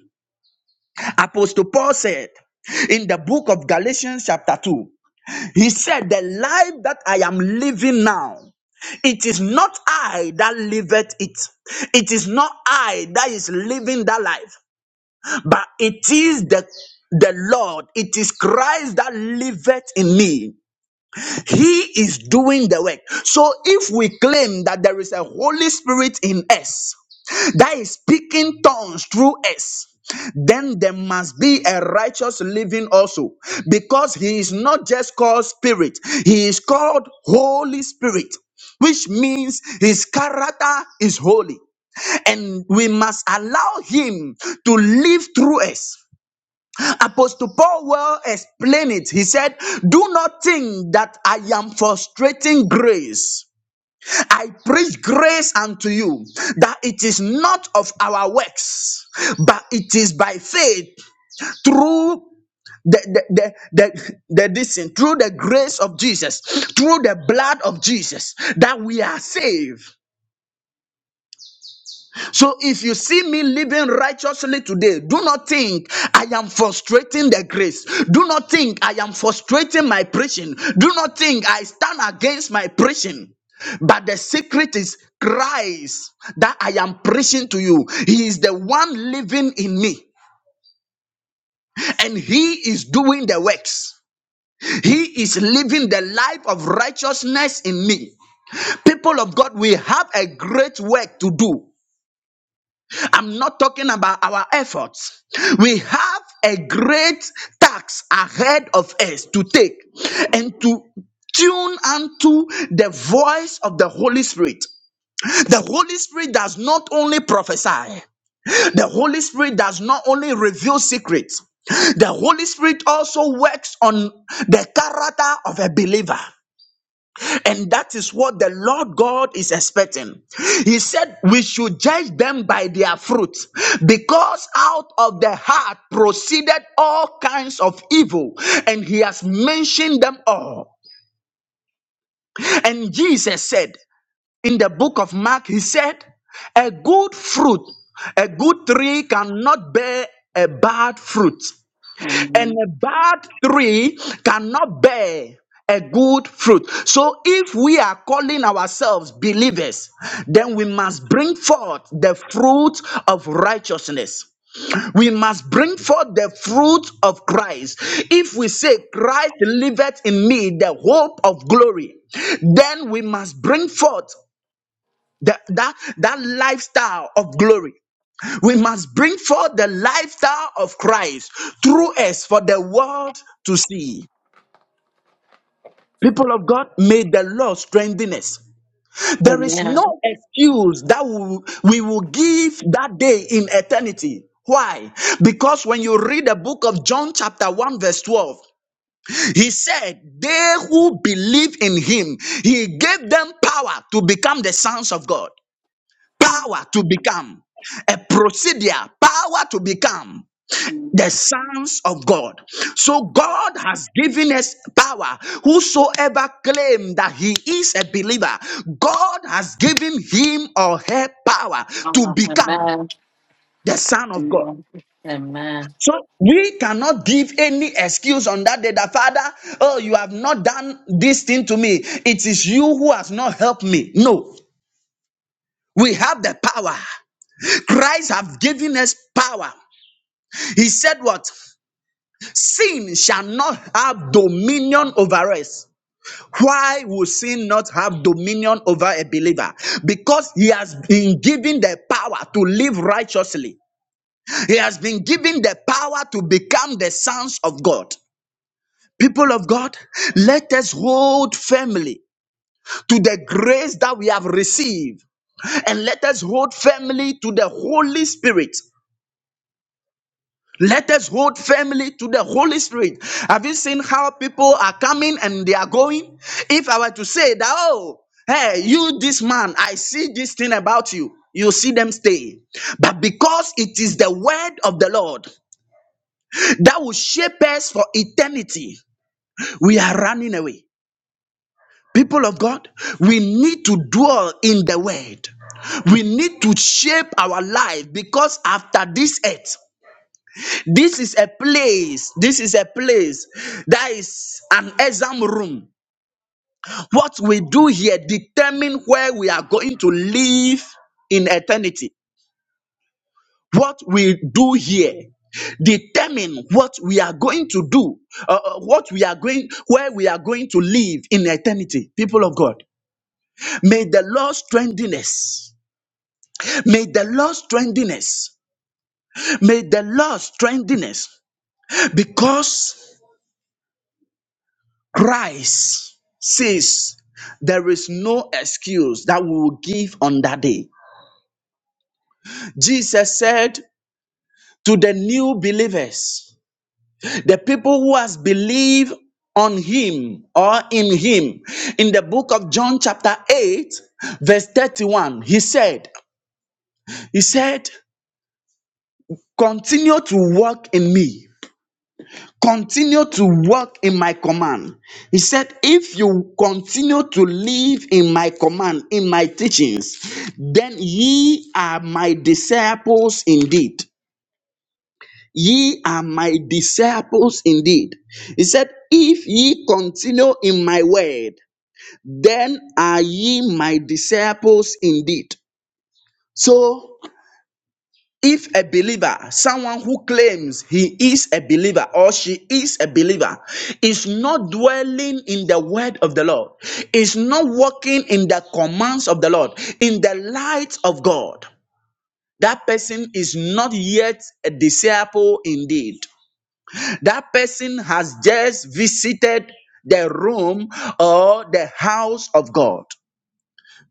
S3: Apostle Paul said in the book of Galatians, chapter 2, he said, The life that I am living now, it is not I that liveth it. It is not I that is living that life, but it is the the Lord, it is Christ that liveth in me. He is doing the work. So if we claim that there is a Holy Spirit in us that is speaking tongues through us, then there must be a righteous living also because he is not just called spirit, he is called Holy Spirit, which means his character is holy. And we must allow him to live through us. Apostle Paul well explained it. He said, Do not think that I am frustrating grace. I preach grace unto you that it is not of our works, but it is by faith through the the the the, the this thing, through the grace of Jesus, through the blood of Jesus, that we are saved. So if you see me living righteously today, do not think I am frustrating the grace. Do not think I am frustrating my preaching. Do not think I stand against my preaching. But the secret is Christ that I am preaching to you. He is the one living in me and he is doing the works. He is living the life of righteousness in me. People of God, we have a great work to do. I'm not talking about our efforts. We have a great task ahead of us to take and to tune unto the voice of the Holy Spirit. The Holy Spirit does not only prophesy, the Holy Spirit does not only reveal secrets, the Holy Spirit also works on the character of a believer. And that is what the Lord God is expecting. He said, We should judge them by their fruit, because out of the heart proceeded all kinds of evil, and He has mentioned them all. And Jesus said in the book of Mark, He said, A good fruit, a good tree cannot bear a bad fruit, and
S1: Amen.
S3: a bad tree cannot bear a good fruit. So, if we are calling ourselves believers, then we must bring forth the fruit of righteousness. We must bring forth the fruit of Christ. If we say, Christ liveth in me, the hope of glory, then we must bring forth the- that, that lifestyle of glory. We must bring forth the lifestyle of Christ through us for the world to see. People of God, may the Lord strengthen us. There is
S1: Amen.
S3: no excuse that we we will give that day in eternity. Why? Because when you read the book of John, chapter 1, verse 12, he said, They who believe in him, he gave them power to become the sons of God. Power to become. A procedure, power to become. the sons of God. So God has given us power. Whosoever claim that he is a believer, God has given him or her power to become
S1: Amen.
S3: the son of God.
S1: Amen. Amen.
S3: So we cannot give any excuse on that day that Father, oh, you have not done this thing to me. It is you who has not helped me. No, we have the power. Christ have given us power. He said what? Sin shall not have dominion over us. Why will sin not have dominion over a believer? Because he has been given the power to live righteously. He has been given the power to become the sons of God. People of God, let us hold firmly to the grace that we have received and let us hold firmly to the Holy Spirit Let us hold firmly to the Holy Spirit. Have you seen how people are coming and they are going? If I were to say that, oh, hey, you, this man, I see this thing about you, you see them stay. But because it is the word of the Lord that will shape us for eternity, we are running away. People of God, we need to dwell in the word. We need to shape our life because after this earth, This is a place, this is a place that is an exam room. What we do here determine where we are going to live in eternity. What we do here determine what we are going to do, uh, uh, what we are going, where we are going to live in eternity. People of God, may the Lord strengthen us. May the Lord strengthen us. May the Lord strengthen us because Christ says there is no excuse that we will give on that day. Jesus said to the new believers, the people who has believed on him or in him in the book of John chapter 8 verse 31 he said he said continue to walk in me Continue to walk in my command. He said, If you continue to live in my command, in my teachings, then ye are my disciples indeed. Ye are my disciples indeed. He said, If ye continue in my word, then are ye my disciples indeed. So if a believer, someone who claims he is a believer or she is a believer, is not dwelling in the word of the Lord, is not walking in the commands of the Lord, in the light of God, that person is not yet a disciple indeed. That person has just visited the room or the house of God.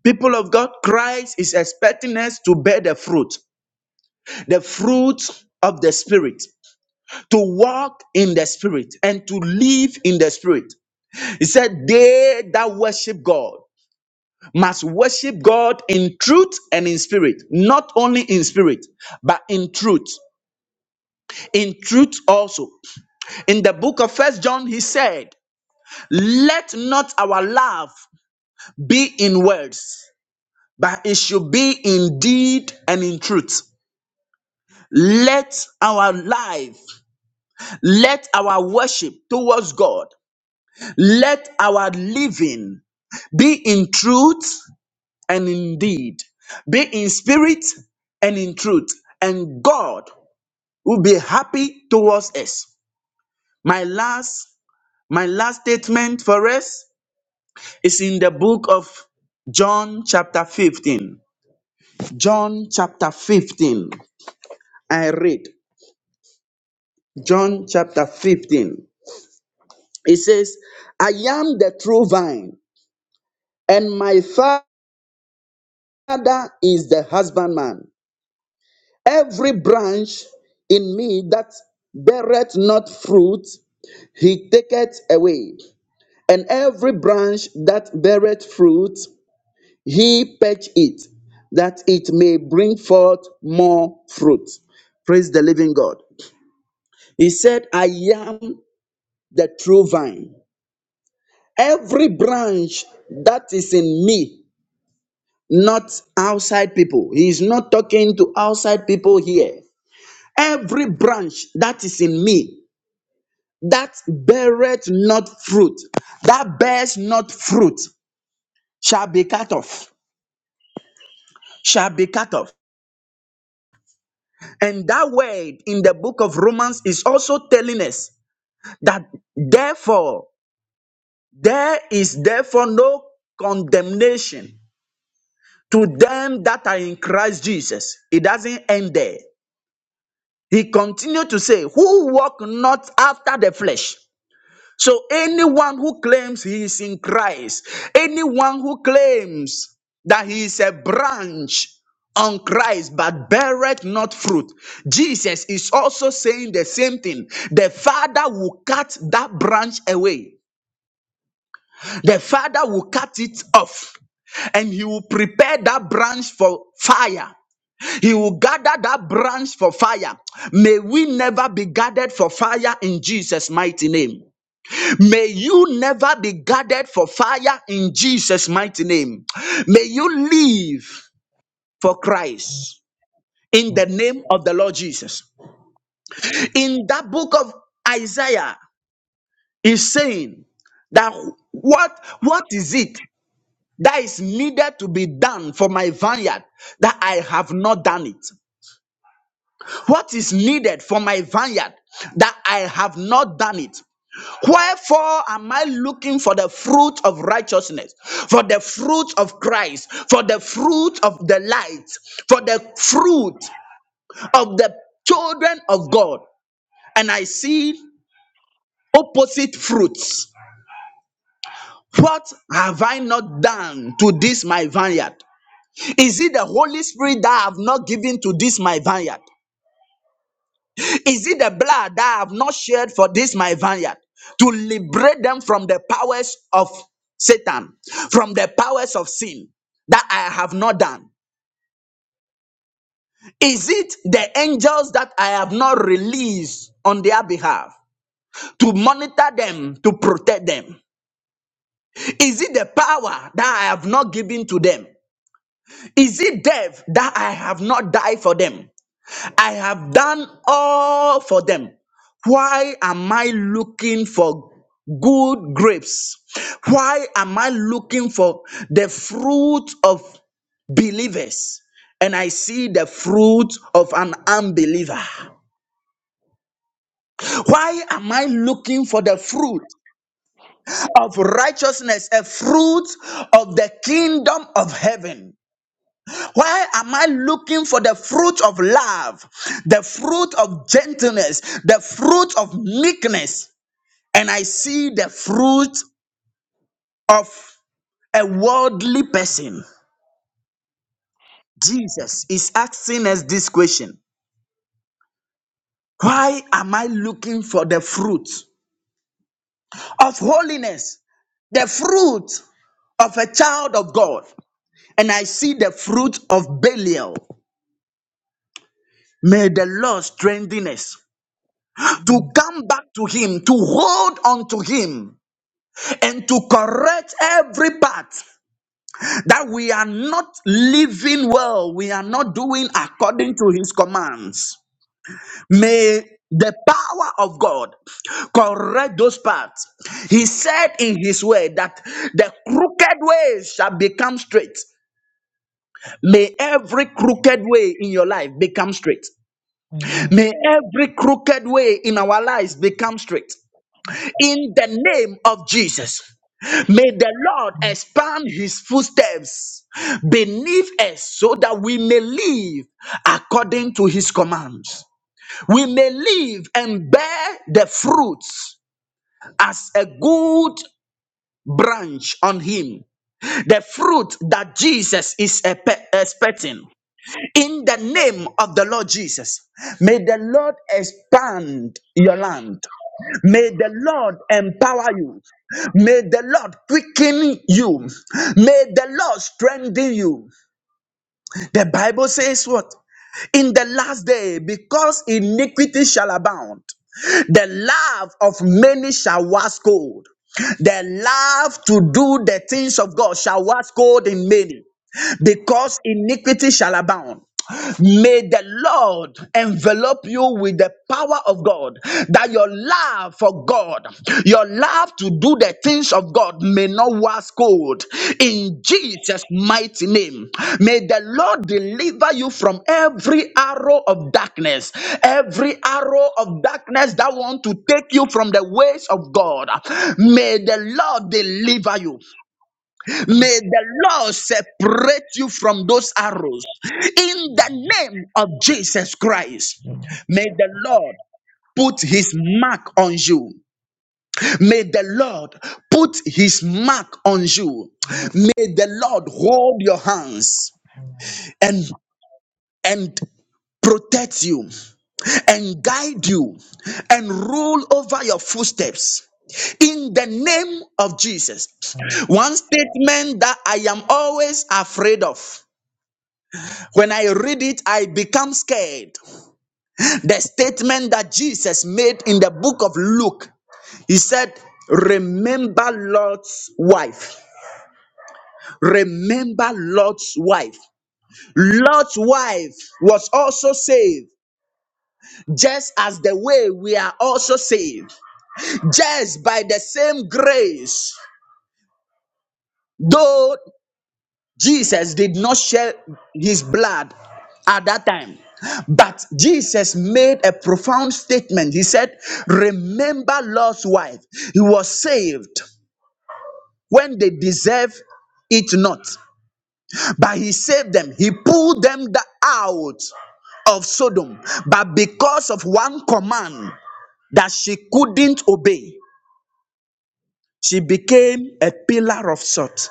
S3: People of God, Christ is expecting us to bear the fruit, the fruit of the Spirit. to walk in the spirit and to live in the spirit. He said, They that worship God must worship God in truth and in spirit, not only in spirit, but in truth. In truth also. In the book of First John, he said, Let not our love be in words, but it should be in deed and in truth. Let our life, let our worship towards God, let our living Be in truth and in deed. Be in spirit and in truth. And God will be happy towards us. My last, my last statement for us is in the book of John chapter 15. John chapter 15. I read John chapter 15. It says, I am the true vine, and my father is the husbandman. Every branch in me that beareth not fruit, he taketh away. And every branch that beareth fruit, he patch it, that it may bring forth more fruit. Praise the living God. He said, I am the true vine. Every branch that is in me, not outside people. He is not talking to outside people here. Every branch that is in me that beareth not fruit, that bears not fruit, shall be cut off, shall be cut off. And that word in the book of Romans is also telling us that therefore, there is therefore no condemnation to them that are in Christ Jesus. It doesn't end there. He continued to say, Who walk not after the flesh. So anyone who claims he is in Christ, anyone who claims that he is a branch on Christ but beareth not fruit, Jesus is also saying the same thing. The Father will cut that branch away. The Father will cut it off and he will prepare that branch for fire. He will gather that branch for fire. May we never be gathered for fire in Jesus' mighty name. May you never be guarded for fire in Jesus' mighty name. May you live for Christ in the name of the Lord Jesus. In that book of Isaiah, is saying that what what is it that is needed to be done for my vineyard that I have not done it? What is needed for my vineyard that I have not done it? Wherefore am I looking for the fruit of righteousness, for the fruit of Christ, for the fruit of the light, for the fruit of the children of God? And I see opposite fruits. What have I not done to this my vineyard? Is it the Holy Spirit that I have not given to this my vineyard? Is it the blood that I have not shed for this my vineyard to liberate them from the powers of Satan, from the powers of sin that I have not done? Is it the angels that I have not released on their behalf to monitor them, to protect them? Is it the power that I have not given to them? Is it death that I have not died for them? I have done all for them. Why am I looking for good grapes? Why am I looking for the fruit of believers? And I see the fruit of an unbeliever. Why am I looking for the fruit of righteousness, a fruit of the kingdom of heaven? Why am I looking for the fruit of love, the fruit of gentleness, the fruit of meekness? And I see the fruit of a worldly person. Jesus is asking us this question Why am I looking for the fruit of holiness, the fruit of a child of God? And I see the fruit of Belial. May the Lord strengthen us to come back to Him, to hold on to Him and to correct every part that we are not living well, we are not doing according to his commands. May the power of God correct those parts. He said in his word that the crooked ways shall become straight. May every crooked way in your life become straight. May every crooked way in our lives become straight. in the name of Jesus. May the Lord expand his footsteps beneath us so that we may live according to his commands. We may live and bear the fruits as a good branch on him. The fruit that Jesus is epe- expecting. In the name of the Lord Jesus, may the Lord expand your land. May the Lord empower you. May the Lord quicken you. May the Lord strengthen you. The Bible says what? In the last day, because iniquity shall abound, the love of many shall wax cold. The love to do the things of God shall wax cold in many because iniquity shall abound. May the Lord envelop you with the power of God, that your love for God, your love to do the things of God may not wax cold. In Jesus' mighty name, may the Lord deliver you from every arrow of darkness, every arrow of darkness that want to take you from the ways of God. May the Lord deliver you. May the Lord separate you from those arrows in the name of Jesus Christ. May the Lord put his mark on you. May the Lord put his mark on you. May the Lord hold your hands and and protect you and guide you and rule over your footsteps in the name of Jesus. One statement that I am always afraid of. When I read it, I become scared. The statement that Jesus made in the book of Luke, he said, Remember Lot's wife. Remember Lot's wife. Lot's wife was also saved, just as the way we are also saved, just by the same grace. Though Jesus did not shed his blood at that time. But Jesus made a profound statement. He said, Remember Lord's wife. He was saved when they deserve it not. But he saved them. He pulled them the- out of Sodom. But because of one command that she couldn't obey, she became a pillar of salt.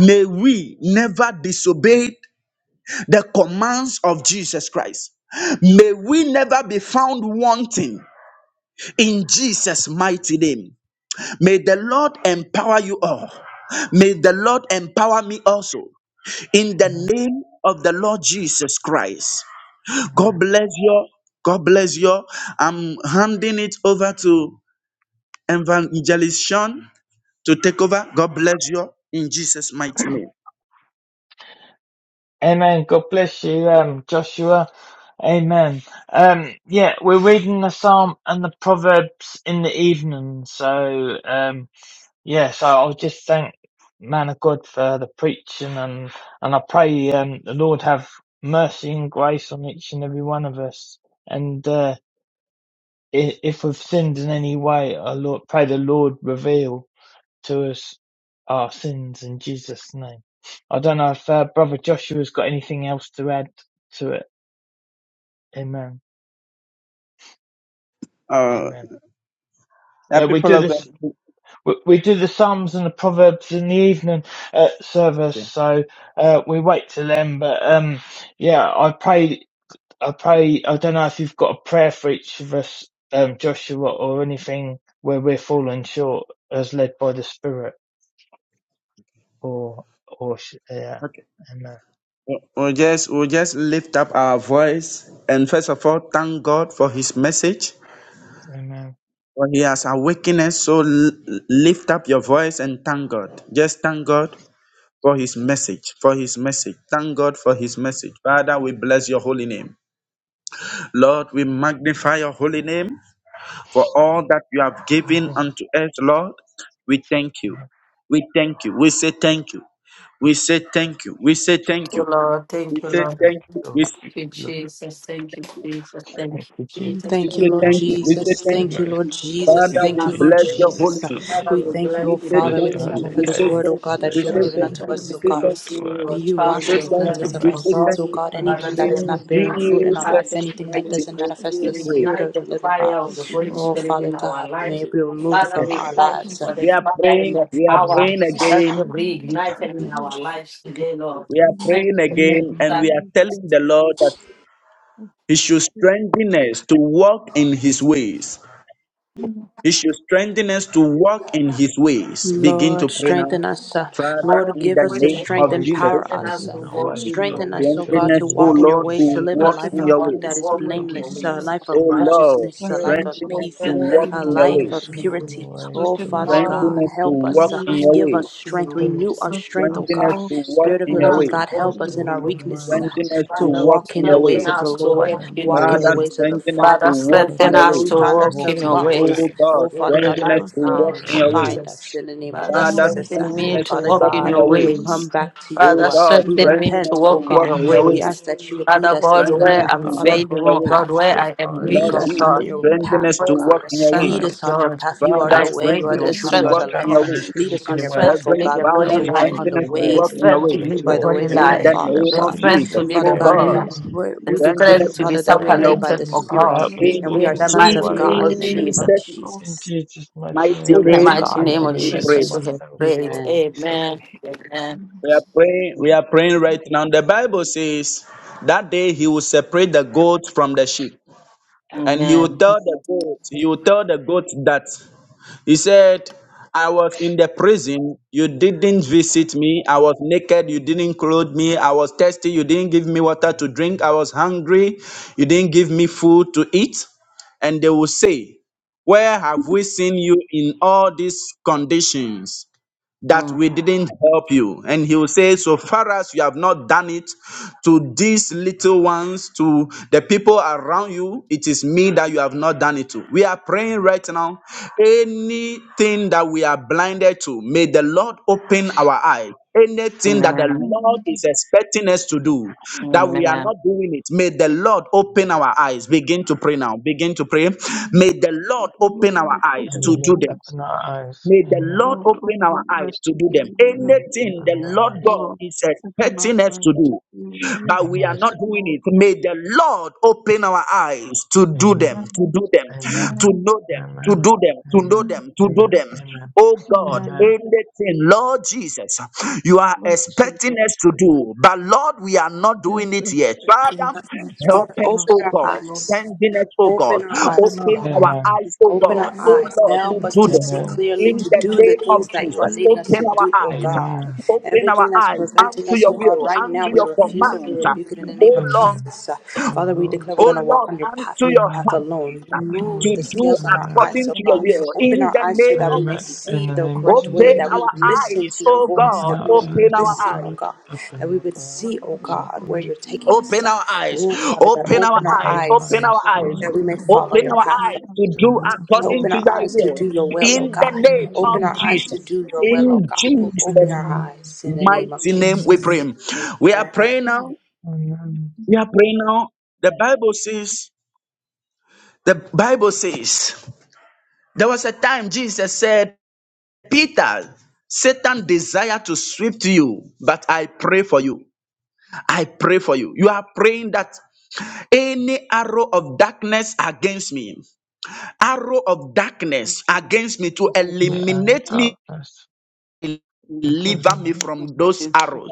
S3: May we never disobey the commands of Jesus Christ. May we never be found wanting in Jesus' mighty name. May the Lord empower you all. May the Lord empower me also in the name of the Lord Jesus Christ. God bless you. God bless you. I'm handing it over to Evangelist Sean to take over. God bless you in Jesus' mighty name.
S2: God bless you, um, Joshua. Amen. Um, yeah, we're reading the Psalm and the Proverbs in the evening. So, um, Yes, I I'll just thank man of God for the preaching and and I pray um, the Lord have mercy and grace on each and every one of us. And uh, i- if we've sinned in any way, I Lord pray the Lord reveal to us our sins in Jesus' name. I don't know if uh, Brother Joshua's got anything else to add to it. Amen.
S3: Uh,
S2: Amen.
S3: yeah,
S2: Yeah, we
S3: people
S2: do
S3: of God.
S2: this we do the Psalms and the Proverbs in the evening uh, service,
S3: Okay.
S2: so uh, we wait till then. But um, yeah, I pray. I pray. I don't know if you've got a prayer for each of us, um, Joshua, or anything where we're falling short, as led by the Spirit, or or sh- yeah,
S3: Okay.
S2: amen,
S3: We'll just, we'll just lift up our voice and first of all, thank God for His message.
S2: amen.
S3: For He has awakened us. So l- lift up your voice and thank God. Just thank God for His message. For His message. Thank God for His message. Father, we bless your holy name. Lord, we magnify your holy name for all that you have given
S2: Amen.
S3: unto us, Lord. We thank you.
S2: Amen.
S3: We thank you. We say thank you. We say thank you. We say
S1: Thank
S3: thank
S1: you,
S3: you.
S1: Lord.
S3: We
S1: Thank you,
S3: say
S1: Lord.
S2: Thank
S3: thank you.
S2: you,
S3: We
S1: Thank you,
S2: Lord.
S1: Jesus. Thank you, Jesus.
S2: Thank
S1: Thank you,
S2: you,
S1: Jesus.
S3: we
S4: Thank
S2: Jesus.
S4: you,
S3: say
S1: Thank you,
S4: Lord
S2: Thank
S3: thank
S1: Holy
S3: you.
S2: you,
S3: We
S1: Spirit.
S2: Lord.
S3: say
S4: Jesus.
S3: thank you.
S4: Thank
S2: Amen.
S4: you, Lord Jesus.
S2: you,
S3: Father,
S2: Lord
S4: Thank
S3: we
S4: you,
S2: Jesus.
S4: Lord
S3: bless
S5: Thank you,
S3: your
S2: Thank
S3: holy
S5: Lord.
S4: Jesus.
S2: you, Lord,
S3: name.
S5: Thank
S2: for this
S5: you
S1: Father,
S4: We
S5: for
S1: we
S2: word.
S4: thank you,
S1: bless
S4: O
S3: We
S1: you
S2: I
S5: coming.
S3: say
S1: for
S2: bless
S4: Father.
S5: Thank
S1: you
S4: We
S2: your
S3: thank
S1: this
S5: you.
S2: holy
S4: thank
S3: you.
S4: you for
S1: moment
S3: We
S5: Lord.
S1: for
S4: this
S3: say
S2: name.
S4: word,
S1: us.
S4: O
S3: thank
S2: I
S4: God,
S3: you.
S5: We
S4: that
S3: We
S4: you
S2: bless
S4: have
S3: say
S2: your
S5: bless
S1: Lord,
S4: given
S5: your
S2: holy
S1: we
S3: thank
S2: name.
S4: unto
S3: you.
S1: thank
S5: holy
S4: us,
S3: We
S2: Thank
S1: you
S4: O
S5: name.
S3: say
S2: you,
S4: God.
S1: for
S2: Lord,
S3: thank
S2: for the
S3: you.
S1: using
S2: word.
S4: May
S1: your
S4: you
S3: We
S5: Thank
S1: child,
S4: wash
S5: you,
S3: say
S4: us,
S1: your
S5: Lord.
S2: I
S3: thank
S4: cleanse
S3: you.
S4: us
S2: come
S4: of
S1: servant,
S2: back
S3: We
S5: Thank
S2: to
S4: our
S1: your
S3: say
S4: sins,
S3: thank
S1: God.
S4: O
S5: you
S3: you.
S4: God.
S5: for your
S1: Father,
S4: Anything
S2: grace.
S1: we
S4: that is
S3: In
S4: not
S5: faithfulness.
S4: bearing
S5: Thank
S1: ignite
S4: fruit
S1: the
S5: you,
S4: in our
S5: Lord,
S4: life,
S3: Jesus'
S1: fasting
S5: for
S1: for
S4: anything
S5: the
S4: that
S1: you,
S3: mighty
S4: doesn't
S3: name,
S5: blessings of
S1: to
S4: manifest
S3: we
S4: the
S5: us.
S3: pray.
S4: Spirit
S1: ignite
S4: of the
S1: the
S4: living
S1: fire
S4: God,
S1: of
S5: Thank
S1: the
S5: you,
S1: Holy
S5: Lord.
S4: O
S1: Spirit
S4: Father
S1: in our
S4: God, may
S1: lives.
S4: it be removed
S1: Father,
S3: Okay.
S4: from
S1: we
S4: our
S1: thank you
S5: Thank
S4: lives.
S1: for
S5: you,
S1: the
S3: We are
S5: Lord.
S1: fire and
S3: praying.
S1: the
S3: We are
S5: for the
S1: power
S3: praying
S1: that
S5: sincerity of
S1: you
S3: again.
S5: your knowledge.
S1: reignited
S5: Thank you,
S1: in
S5: Lord.
S1: our lives today, Lord.
S3: We
S5: for
S3: are
S5: your
S1: And
S3: praying
S5: mercy. Thank
S3: again, and
S5: you,
S3: we are
S5: Lord.
S1: that
S3: telling the Lord that
S5: Oh,
S3: He should
S5: thank you.
S3: strengthen us to walk in His ways.
S5: Honor
S3: He should strengthen us to walk in His ways. Begin to
S4: Lord,
S3: pray now.
S4: strengthen us. uh,
S3: Father,
S1: Father,
S4: Lord,
S3: in
S1: we
S4: give
S3: the
S4: us
S1: pray
S5: for
S4: the
S5: your
S3: name
S1: that
S5: gift.
S2: My
S1: you
S3: of
S4: strength
S1: will
S2: very
S4: and power
S3: Jesus,
S1: strengthen
S5: Lord,
S2: steadfast
S1: us
S4: us.
S5: we
S4: uh,
S2: in
S1: to
S2: your
S1: walk
S5: love
S2: ways,
S1: in
S5: you.
S2: Lord.
S1: your
S5: Thank
S4: Strengthen
S1: way.
S4: us,
S5: you
S4: O
S2: Thank you
S3: Strengthen
S4: God, to
S3: us,
S2: in
S3: O
S2: your
S4: walk in
S1: Father,
S4: your
S3: Lord, to
S1: strengthen
S2: ways,
S4: ways, to
S2: Lord.
S4: live
S2: Thank
S4: a
S5: Lord,
S3: walk
S5: for
S1: us
S5: your
S4: life
S2: you
S3: in
S5: one.
S3: your
S4: of
S5: Strengthen
S1: to
S5: us,
S4: bl-
S5: Lord,
S4: that
S3: ways.
S4: is
S5: to
S1: walk
S2: in
S5: work
S2: your
S1: in
S5: in
S1: your
S2: ways,
S4: blameless,
S5: your
S4: a
S1: ways.
S2: Lord.
S4: life
S5: ways.
S3: O
S4: of
S2: Amen.
S1: Father, we
S3: Lord,
S4: righteousness, a
S1: pray
S4: life
S1: that
S5: Strengthen us,
S4: of
S1: you
S3: strengthen
S1: will
S5: Lord,
S3: us
S4: peace,
S5: to
S3: to
S4: uh,
S5: walk
S1: strengthen
S3: walk
S5: in
S1: us
S4: a
S3: in
S5: your
S1: to
S3: your
S1: walk
S5: life.
S4: life
S3: ways.
S2: Bless
S4: of
S1: in
S2: you
S1: your
S2: in
S1: ways.
S4: purity.
S2: your ways,
S4: Oh
S5: Strengthen
S2: Lord.
S4: Father
S5: us,
S1: Lord,
S5: Lord,
S3: Strengthen
S1: we
S4: God,
S3: us
S2: Amen.
S3: to
S5: to
S4: help
S5: do
S3: walk
S4: us. uh,
S2: Bless
S5: your
S1: strengthen
S3: in
S1: us
S5: will.
S3: your
S2: you
S1: to
S4: Give
S2: in
S3: ways.
S4: us
S1: walk in your
S4: strength.
S2: your
S4: Renew
S2: ways.
S1: ways.
S4: our
S5: Open
S4: strength, O
S5: us,
S3: Strengthen us
S4: God.
S1: Father,
S5: Lord,
S3: to walk
S4: Spirit of
S3: in
S4: the
S1: strengthen
S5: and
S3: your
S5: help
S2: Bless
S1: us
S4: living
S2: you
S1: to
S3: ways.
S5: us
S4: God,
S1: walk
S2: bless
S4: help
S2: to
S4: us
S1: in
S4: in
S2: walk
S1: your
S4: our
S2: in your
S1: ways.
S5: for
S4: weakness.
S2: ways.
S4: uh,
S3: Strengthen
S5: others.
S3: us to
S4: to
S1: Father,
S2: Bless
S3: walk
S2: you
S4: walk
S3: in
S4: in the
S3: your
S2: bless
S1: strengthen
S4: ways
S2: to
S3: ways.
S4: of the
S2: walk
S1: us
S5: Lord,
S1: to
S2: in your
S4: Lord,
S5: in
S1: walk
S5: the
S2: ways.
S1: in your
S5: midst
S4: walk
S5: of
S4: in the
S3: Father,
S1: ways.
S5: your
S4: ways of the
S3: strengthen
S5: conflict,
S3: us to
S1: Father,
S4: Father. Oh,
S3: walk
S2: Bless
S3: in
S5: please
S1: strengthen
S4: Father,
S2: to
S3: your
S4: where
S1: us
S4: we
S1: to
S3: ways.
S2: bless
S4: found
S2: to
S5: Strengthen
S1: walk
S5: us,
S2: walk
S1: in
S4: ourselves
S1: your
S2: in
S5: Lord.
S2: your
S4: lost, uh,
S1: ways.
S3: O God,
S4: oh, Father
S1: In the
S4: God,
S2: ways.
S4: may
S3: strengthen us
S4: you
S1: mighty
S3: to
S5: Strengthen
S1: name
S3: walk
S1: of
S5: us,
S4: find,
S3: in your
S5: Lord.
S2: Right.
S3: ways.
S4: find
S1: Jesus.
S4: us in the name
S2: My
S4: of
S5: In
S1: Father,
S5: your
S3: Father,
S4: Jesus. uh.
S5: mercy,
S1: strengthen
S3: strengthen
S5: Lord,
S1: me
S3: us
S1: to
S3: to
S4: Father
S1: walk
S3: walk
S1: in
S5: strengthen
S3: in
S4: God,
S1: your
S5: our
S3: your
S4: we will
S3: ways.
S1: ways.
S4: come
S5: families.
S4: back to
S3: O
S1: Father,
S4: you. uh,
S3: God,
S4: We
S5: And
S1: strengthen me
S3: strengthen
S5: we
S1: to
S3: us
S4: repent,
S5: Lord,
S3: to
S4: oh
S1: walk in
S3: walk
S1: your
S4: God.
S3: in your
S4: We
S3: ways.
S4: ask
S1: ways.
S4: that you would lead
S1: Father
S4: us
S1: God,
S4: into the
S3: Strengthen us
S1: where
S4: path,
S1: I'm
S3: to
S4: on the
S3: walk
S1: failing,
S3: in
S4: correct
S1: oh
S3: your ways.
S1: God,
S4: path.
S1: where I am
S5: in
S1: weak,
S3: Lord
S4: Lead
S5: the
S1: oh
S4: us
S5: city,
S4: on
S1: God,
S3: Jesus,
S4: your
S5: in
S3: strengthen
S4: path,
S3: us
S4: oh
S3: to
S1: pray for
S3: walk
S4: God.
S1: the
S3: in your
S1: strength
S3: ways.
S4: Lead
S1: of
S4: us on your
S1: God.
S5: the
S4: path.
S5: Lord.
S4: You
S2: Help
S4: are
S2: me
S3: Father,
S4: the
S1: I
S2: to
S4: way,
S2: walk
S5: And
S4: you
S1: pray
S2: in
S4: are
S3: strengthen
S1: for
S5: your
S2: your
S4: the
S1: the
S3: us
S2: ways.
S3: to
S4: truth, you are
S1: strength
S5: angels
S3: walk
S4: the
S1: of
S5: of
S3: in
S5: hope
S4: life.
S3: your
S1: God,
S4: Uh,
S2: strengthen
S5: us.
S2: us
S3: ways.
S2: to
S4: Lead
S2: walk
S4: us
S2: in
S1: the
S4: on
S2: your
S4: your
S2: ways.
S4: path,
S1: strength to
S4: oh
S3: Heavenly
S1: live
S4: God.
S1: a
S4: We want
S3: Father,
S2: Help
S1: holy
S5: Strengthen
S4: to
S5: us,
S2: me
S1: life
S2: to
S4: walk
S2: walk
S5: Lord,
S4: on
S3: strengthen
S4: the
S2: in
S3: us
S2: your
S5: our
S3: to
S2: ways,
S1: the
S4: way
S3: walk in
S2: Lord.
S5: families.
S3: your
S1: strength
S2: Help
S1: to
S2: me
S3: ways.
S1: live
S2: to
S1: a
S4: by
S2: walk
S4: the
S1: holy
S2: in
S4: ways
S2: your
S4: of
S3: In
S4: the
S3: the
S1: life,
S2: ways,
S4: Father,
S2: Lord.
S4: oh
S3: name
S1: the
S2: Help
S5: Mercy,
S3: of
S4: God.
S2: me to
S1: strength
S5: Lord,
S1: to
S3: Jesus,
S2: walk
S1: live
S4: Father
S2: in
S3: oh
S1: a
S5: strengthen
S2: your
S4: God,
S5: your
S1: holy
S3: God,
S4: we
S1: life,
S2: ways.
S5: mercy,
S4: we
S1: the
S5: Lord.
S3: strengthen
S4: declare,
S1: strength
S3: us
S1: to
S3: to
S1: be
S4: Father,
S2: Jesus,
S4: that
S3: walk
S4: we are
S3: in
S5: Your
S3: your
S4: led
S2: Father,
S4: by
S1: separated
S5: mercy,
S4: the
S2: Heavenly
S1: for
S3: ways.
S5: Lord,
S2: Father,
S1: God.
S2: help
S4: Spirit
S5: your
S2: me to
S3: In
S4: and we
S5: mercy,
S2: walk
S4: are
S1: In
S5: Lord.
S1: the
S2: in
S4: sons
S2: your
S1: mighty
S4: of
S1: name
S4: God in
S1: of
S4: the
S2: ways.
S5: And
S4: name
S1: Jesus.
S4: of
S5: thank you,
S3: Jesus'
S5: Lord,
S2: In
S4: Jesus,
S2: Jesus' mighty
S3: mighty
S2: name,
S5: for
S1: In
S4: children
S1: the
S5: this
S4: of
S3: name,
S5: one.
S1: mighty
S2: you
S4: God in
S2: know
S1: name
S4: the
S1: of
S2: me
S3: we
S4: name
S2: better
S5: Thank
S4: of
S3: pray.
S2: than
S5: you,
S1: Jesus, we
S4: Jesus.
S1: have
S2: myself,
S1: prayed.
S2: Lord.
S4: Amen.
S2: Please help
S1: Amen. Amen.
S5: Lord.
S3: We are praying, we are praying right now. The Bible says that day he will separate the goats from the sheep. And he will
S1: Amen.
S3: tell the goat, he will tell the goat that He said, I was in the prison, you didn't visit me. I was naked, you didn't clothe me. I was thirsty, you didn't give me water to drink. I was hungry, you didn't give me food to eat. And they will say, Where have we seen you in all these conditions? that
S1: Mm.
S3: we didn't help you. And he will say, So far as you have not done it to these little ones, to the people around you, it is me that you have not done it to. We are praying right now. Anything that we are blinded to, may the Lord open our eyes. Anything that the
S1: Amen.
S3: Lord is expecting us to do, that we are
S1: Amen.
S3: not doing it, may the Lord open our eyes. Begin to pray now. Begin to pray. May the Lord open our
S5: Lord,
S3: eyes
S5: open
S2: me.
S5: my
S2: And the
S3: to do
S2: Lord,
S3: the
S5: eyes.
S2: open our eyes.
S3: May the
S2: Amen.
S3: Lord
S5: Lord,
S3: open
S5: open
S3: our
S5: my
S3: eyes
S5: eyes to
S3: to do
S5: be
S3: them.
S5: with you.
S2: Amen.
S3: Anything the
S2: Open your
S3: Lord
S2: eyes.
S3: God
S5: Lord,
S3: is
S5: open my
S3: expecting us
S5: eyes
S3: to
S5: to
S3: do,
S5: be with you.
S3: but we are
S2: Amen.
S3: not doing
S5: Lord,
S3: it. May the Lord open our eyes to do
S5: open
S2: Amen.
S5: my
S3: them, to do
S5: eyes.
S3: them,
S5: Open my
S3: to
S2: Amen.
S5: eyes.
S3: know them, to
S2: Amen.
S3: do them, to know
S2: Amen.
S5: Open
S3: them, to do
S2: Amen.
S3: them.
S2: Amen.
S3: Oh
S5: Open my
S3: God,
S2: Amen.
S5: eyes.
S3: anything, Lord Jesus, you are
S5: Lord
S3: expecting
S5: Jesus,
S3: us to do, but Lord, we are not
S5: yes,
S3: doing it yet.
S5: expecting,
S3: Father,
S5: and
S3: help
S4: Father,
S5: expecting
S3: us,
S4: open
S5: us
S3: oh
S5: to
S4: our
S3: God,
S5: do, Lord.
S4: eyes.
S3: strengthen us, oh God,
S4: Open our eyes,
S5: Open our
S4: oh
S3: open
S4: God.
S3: our
S5: eyes
S2: Amen.
S5: to
S3: eyes, oh
S4: Open
S5: do,
S4: our
S3: God,
S5: Lord.
S3: oh
S4: eyes.
S3: Lord, to
S5: Open
S4: Help us
S3: do
S5: our
S4: to
S5: eyes,
S3: them
S4: see
S5: Lord.
S2: Amen.
S4: clearly,
S3: in
S4: to
S3: the
S5: Open
S4: do the
S5: us,
S3: name of
S4: things
S5: Lord,
S4: that you
S5: to
S4: are
S3: Jesus.
S4: leading us
S5: do.
S3: Open
S4: to
S3: our
S4: do, oh
S3: eyes.
S4: God.
S2: Amen.
S3: Open our
S4: Everything that's
S5: And
S3: eyes
S4: preventing
S3: unto
S4: us,
S3: your
S4: oh
S5: all of
S4: God,
S3: will,
S5: this
S4: right
S3: unto
S4: now, we
S5: comes
S3: your
S5: to
S4: refuse
S5: you,
S4: it, we
S3: commands.
S5: Lord,
S4: rebuke it in
S5: in our
S4: the name
S3: Oh
S4: of
S5: eyes,
S3: Lord,
S5: God,
S2: Amen.
S4: Jesus. Uh,
S2: Oh
S4: Father, we
S2: Lord.
S4: declare we're going
S3: oh
S4: to walk
S3: Lord,
S4: on your path
S3: unto
S4: and your
S3: your
S4: path
S3: heart
S2: Amen.
S4: alone.
S2: Oh
S4: Remove
S2: Lord.
S5: in
S3: to
S4: the
S5: our
S3: do
S5: eyes,
S4: scales on
S5: God,
S4: our
S2: Amen.
S4: eyes,
S3: according
S4: oh
S3: to your
S4: God.
S5: something
S3: will
S5: is
S4: Open
S3: in
S4: our
S5: work.
S3: the
S4: eyes so
S3: name
S4: that
S3: of
S4: we may
S2: Amen.
S3: Jesus.
S2: In
S4: see
S2: the
S4: the
S2: name of
S5: In the
S4: correct way,
S3: Open
S4: that
S5: i
S4: we
S2: Jesus.
S3: our
S4: would
S5: of
S2: Amen.
S4: listen
S3: eyes,
S4: to
S5: Jesus,
S4: your
S3: oh
S5: open
S4: voice,
S5: our
S2: Open
S3: God,
S4: that we
S2: up
S5: eyes,
S4: would
S2: our
S3: open
S2: eyes,
S5: Lord,
S3: our
S2: oh
S4: listen, oh
S2: God.
S3: eyes.
S4: God,
S2: Open
S4: that we
S2: our
S4: would
S2: God.
S5: and
S4: see,
S5: i
S4: oh
S5: eyes are
S2: Oh
S4: God,
S5: open
S4: where
S5: to
S2: God.
S4: you're taking us.
S3: Open
S4: Uh,
S5: you.
S3: our eyes,
S4: Oh, Father God,
S3: open our
S4: open our
S3: eyes,
S2: Open our
S4: eyes
S3: open our
S2: eyes,
S3: eyes,
S5: Open
S2: Lord.
S4: that we may
S2: Open
S5: our eyes,
S2: our
S4: follow
S3: open
S4: your
S3: our
S5: open
S2: eyes
S4: path
S3: eyes
S5: our
S3: to
S5: eyes,
S2: to
S5: God,
S3: do
S2: the
S5: to do your
S4: to
S3: according
S4: Open
S3: to
S5: will.
S4: our
S2: information
S3: thy
S2: to
S4: eyes
S2: be
S4: to
S3: will
S4: do your will, oh
S2: in
S3: in
S2: the
S4: God.
S3: the
S5: And
S2: name
S3: name
S2: of
S5: in the
S3: of
S4: Open
S5: name
S2: Jesus.
S4: our
S5: of
S4: eyes to
S3: Jesus.
S5: Jesus,
S4: do your will, oh
S5: help
S3: In
S4: God.
S5: us walk in
S4: Open
S3: Jesus'
S5: your
S4: our
S5: light,
S2: Amen.
S4: eyes in the
S5: because
S4: name of
S3: mighty
S5: we're
S3: name we
S2: Amen.
S3: pray.
S4: Jesus.
S3: We are
S4: Amen.
S3: praying now.
S5: in the
S2: Amen.
S3: We are praying now. The Bible says, the Bible says, there was a time Jesus said, Peter, Satan desire to sweep to you, but I pray for you. I pray for you. You are praying that any arrow of darkness against me, arrow of darkness against me to
S2: In
S5: confronted
S2: the hour of
S3: eliminate me
S2: darkness,
S5: in the
S2: into
S5: of
S2: the
S3: deliver me
S2: night,
S5: darkness
S3: from those
S5: against us,
S3: arrows.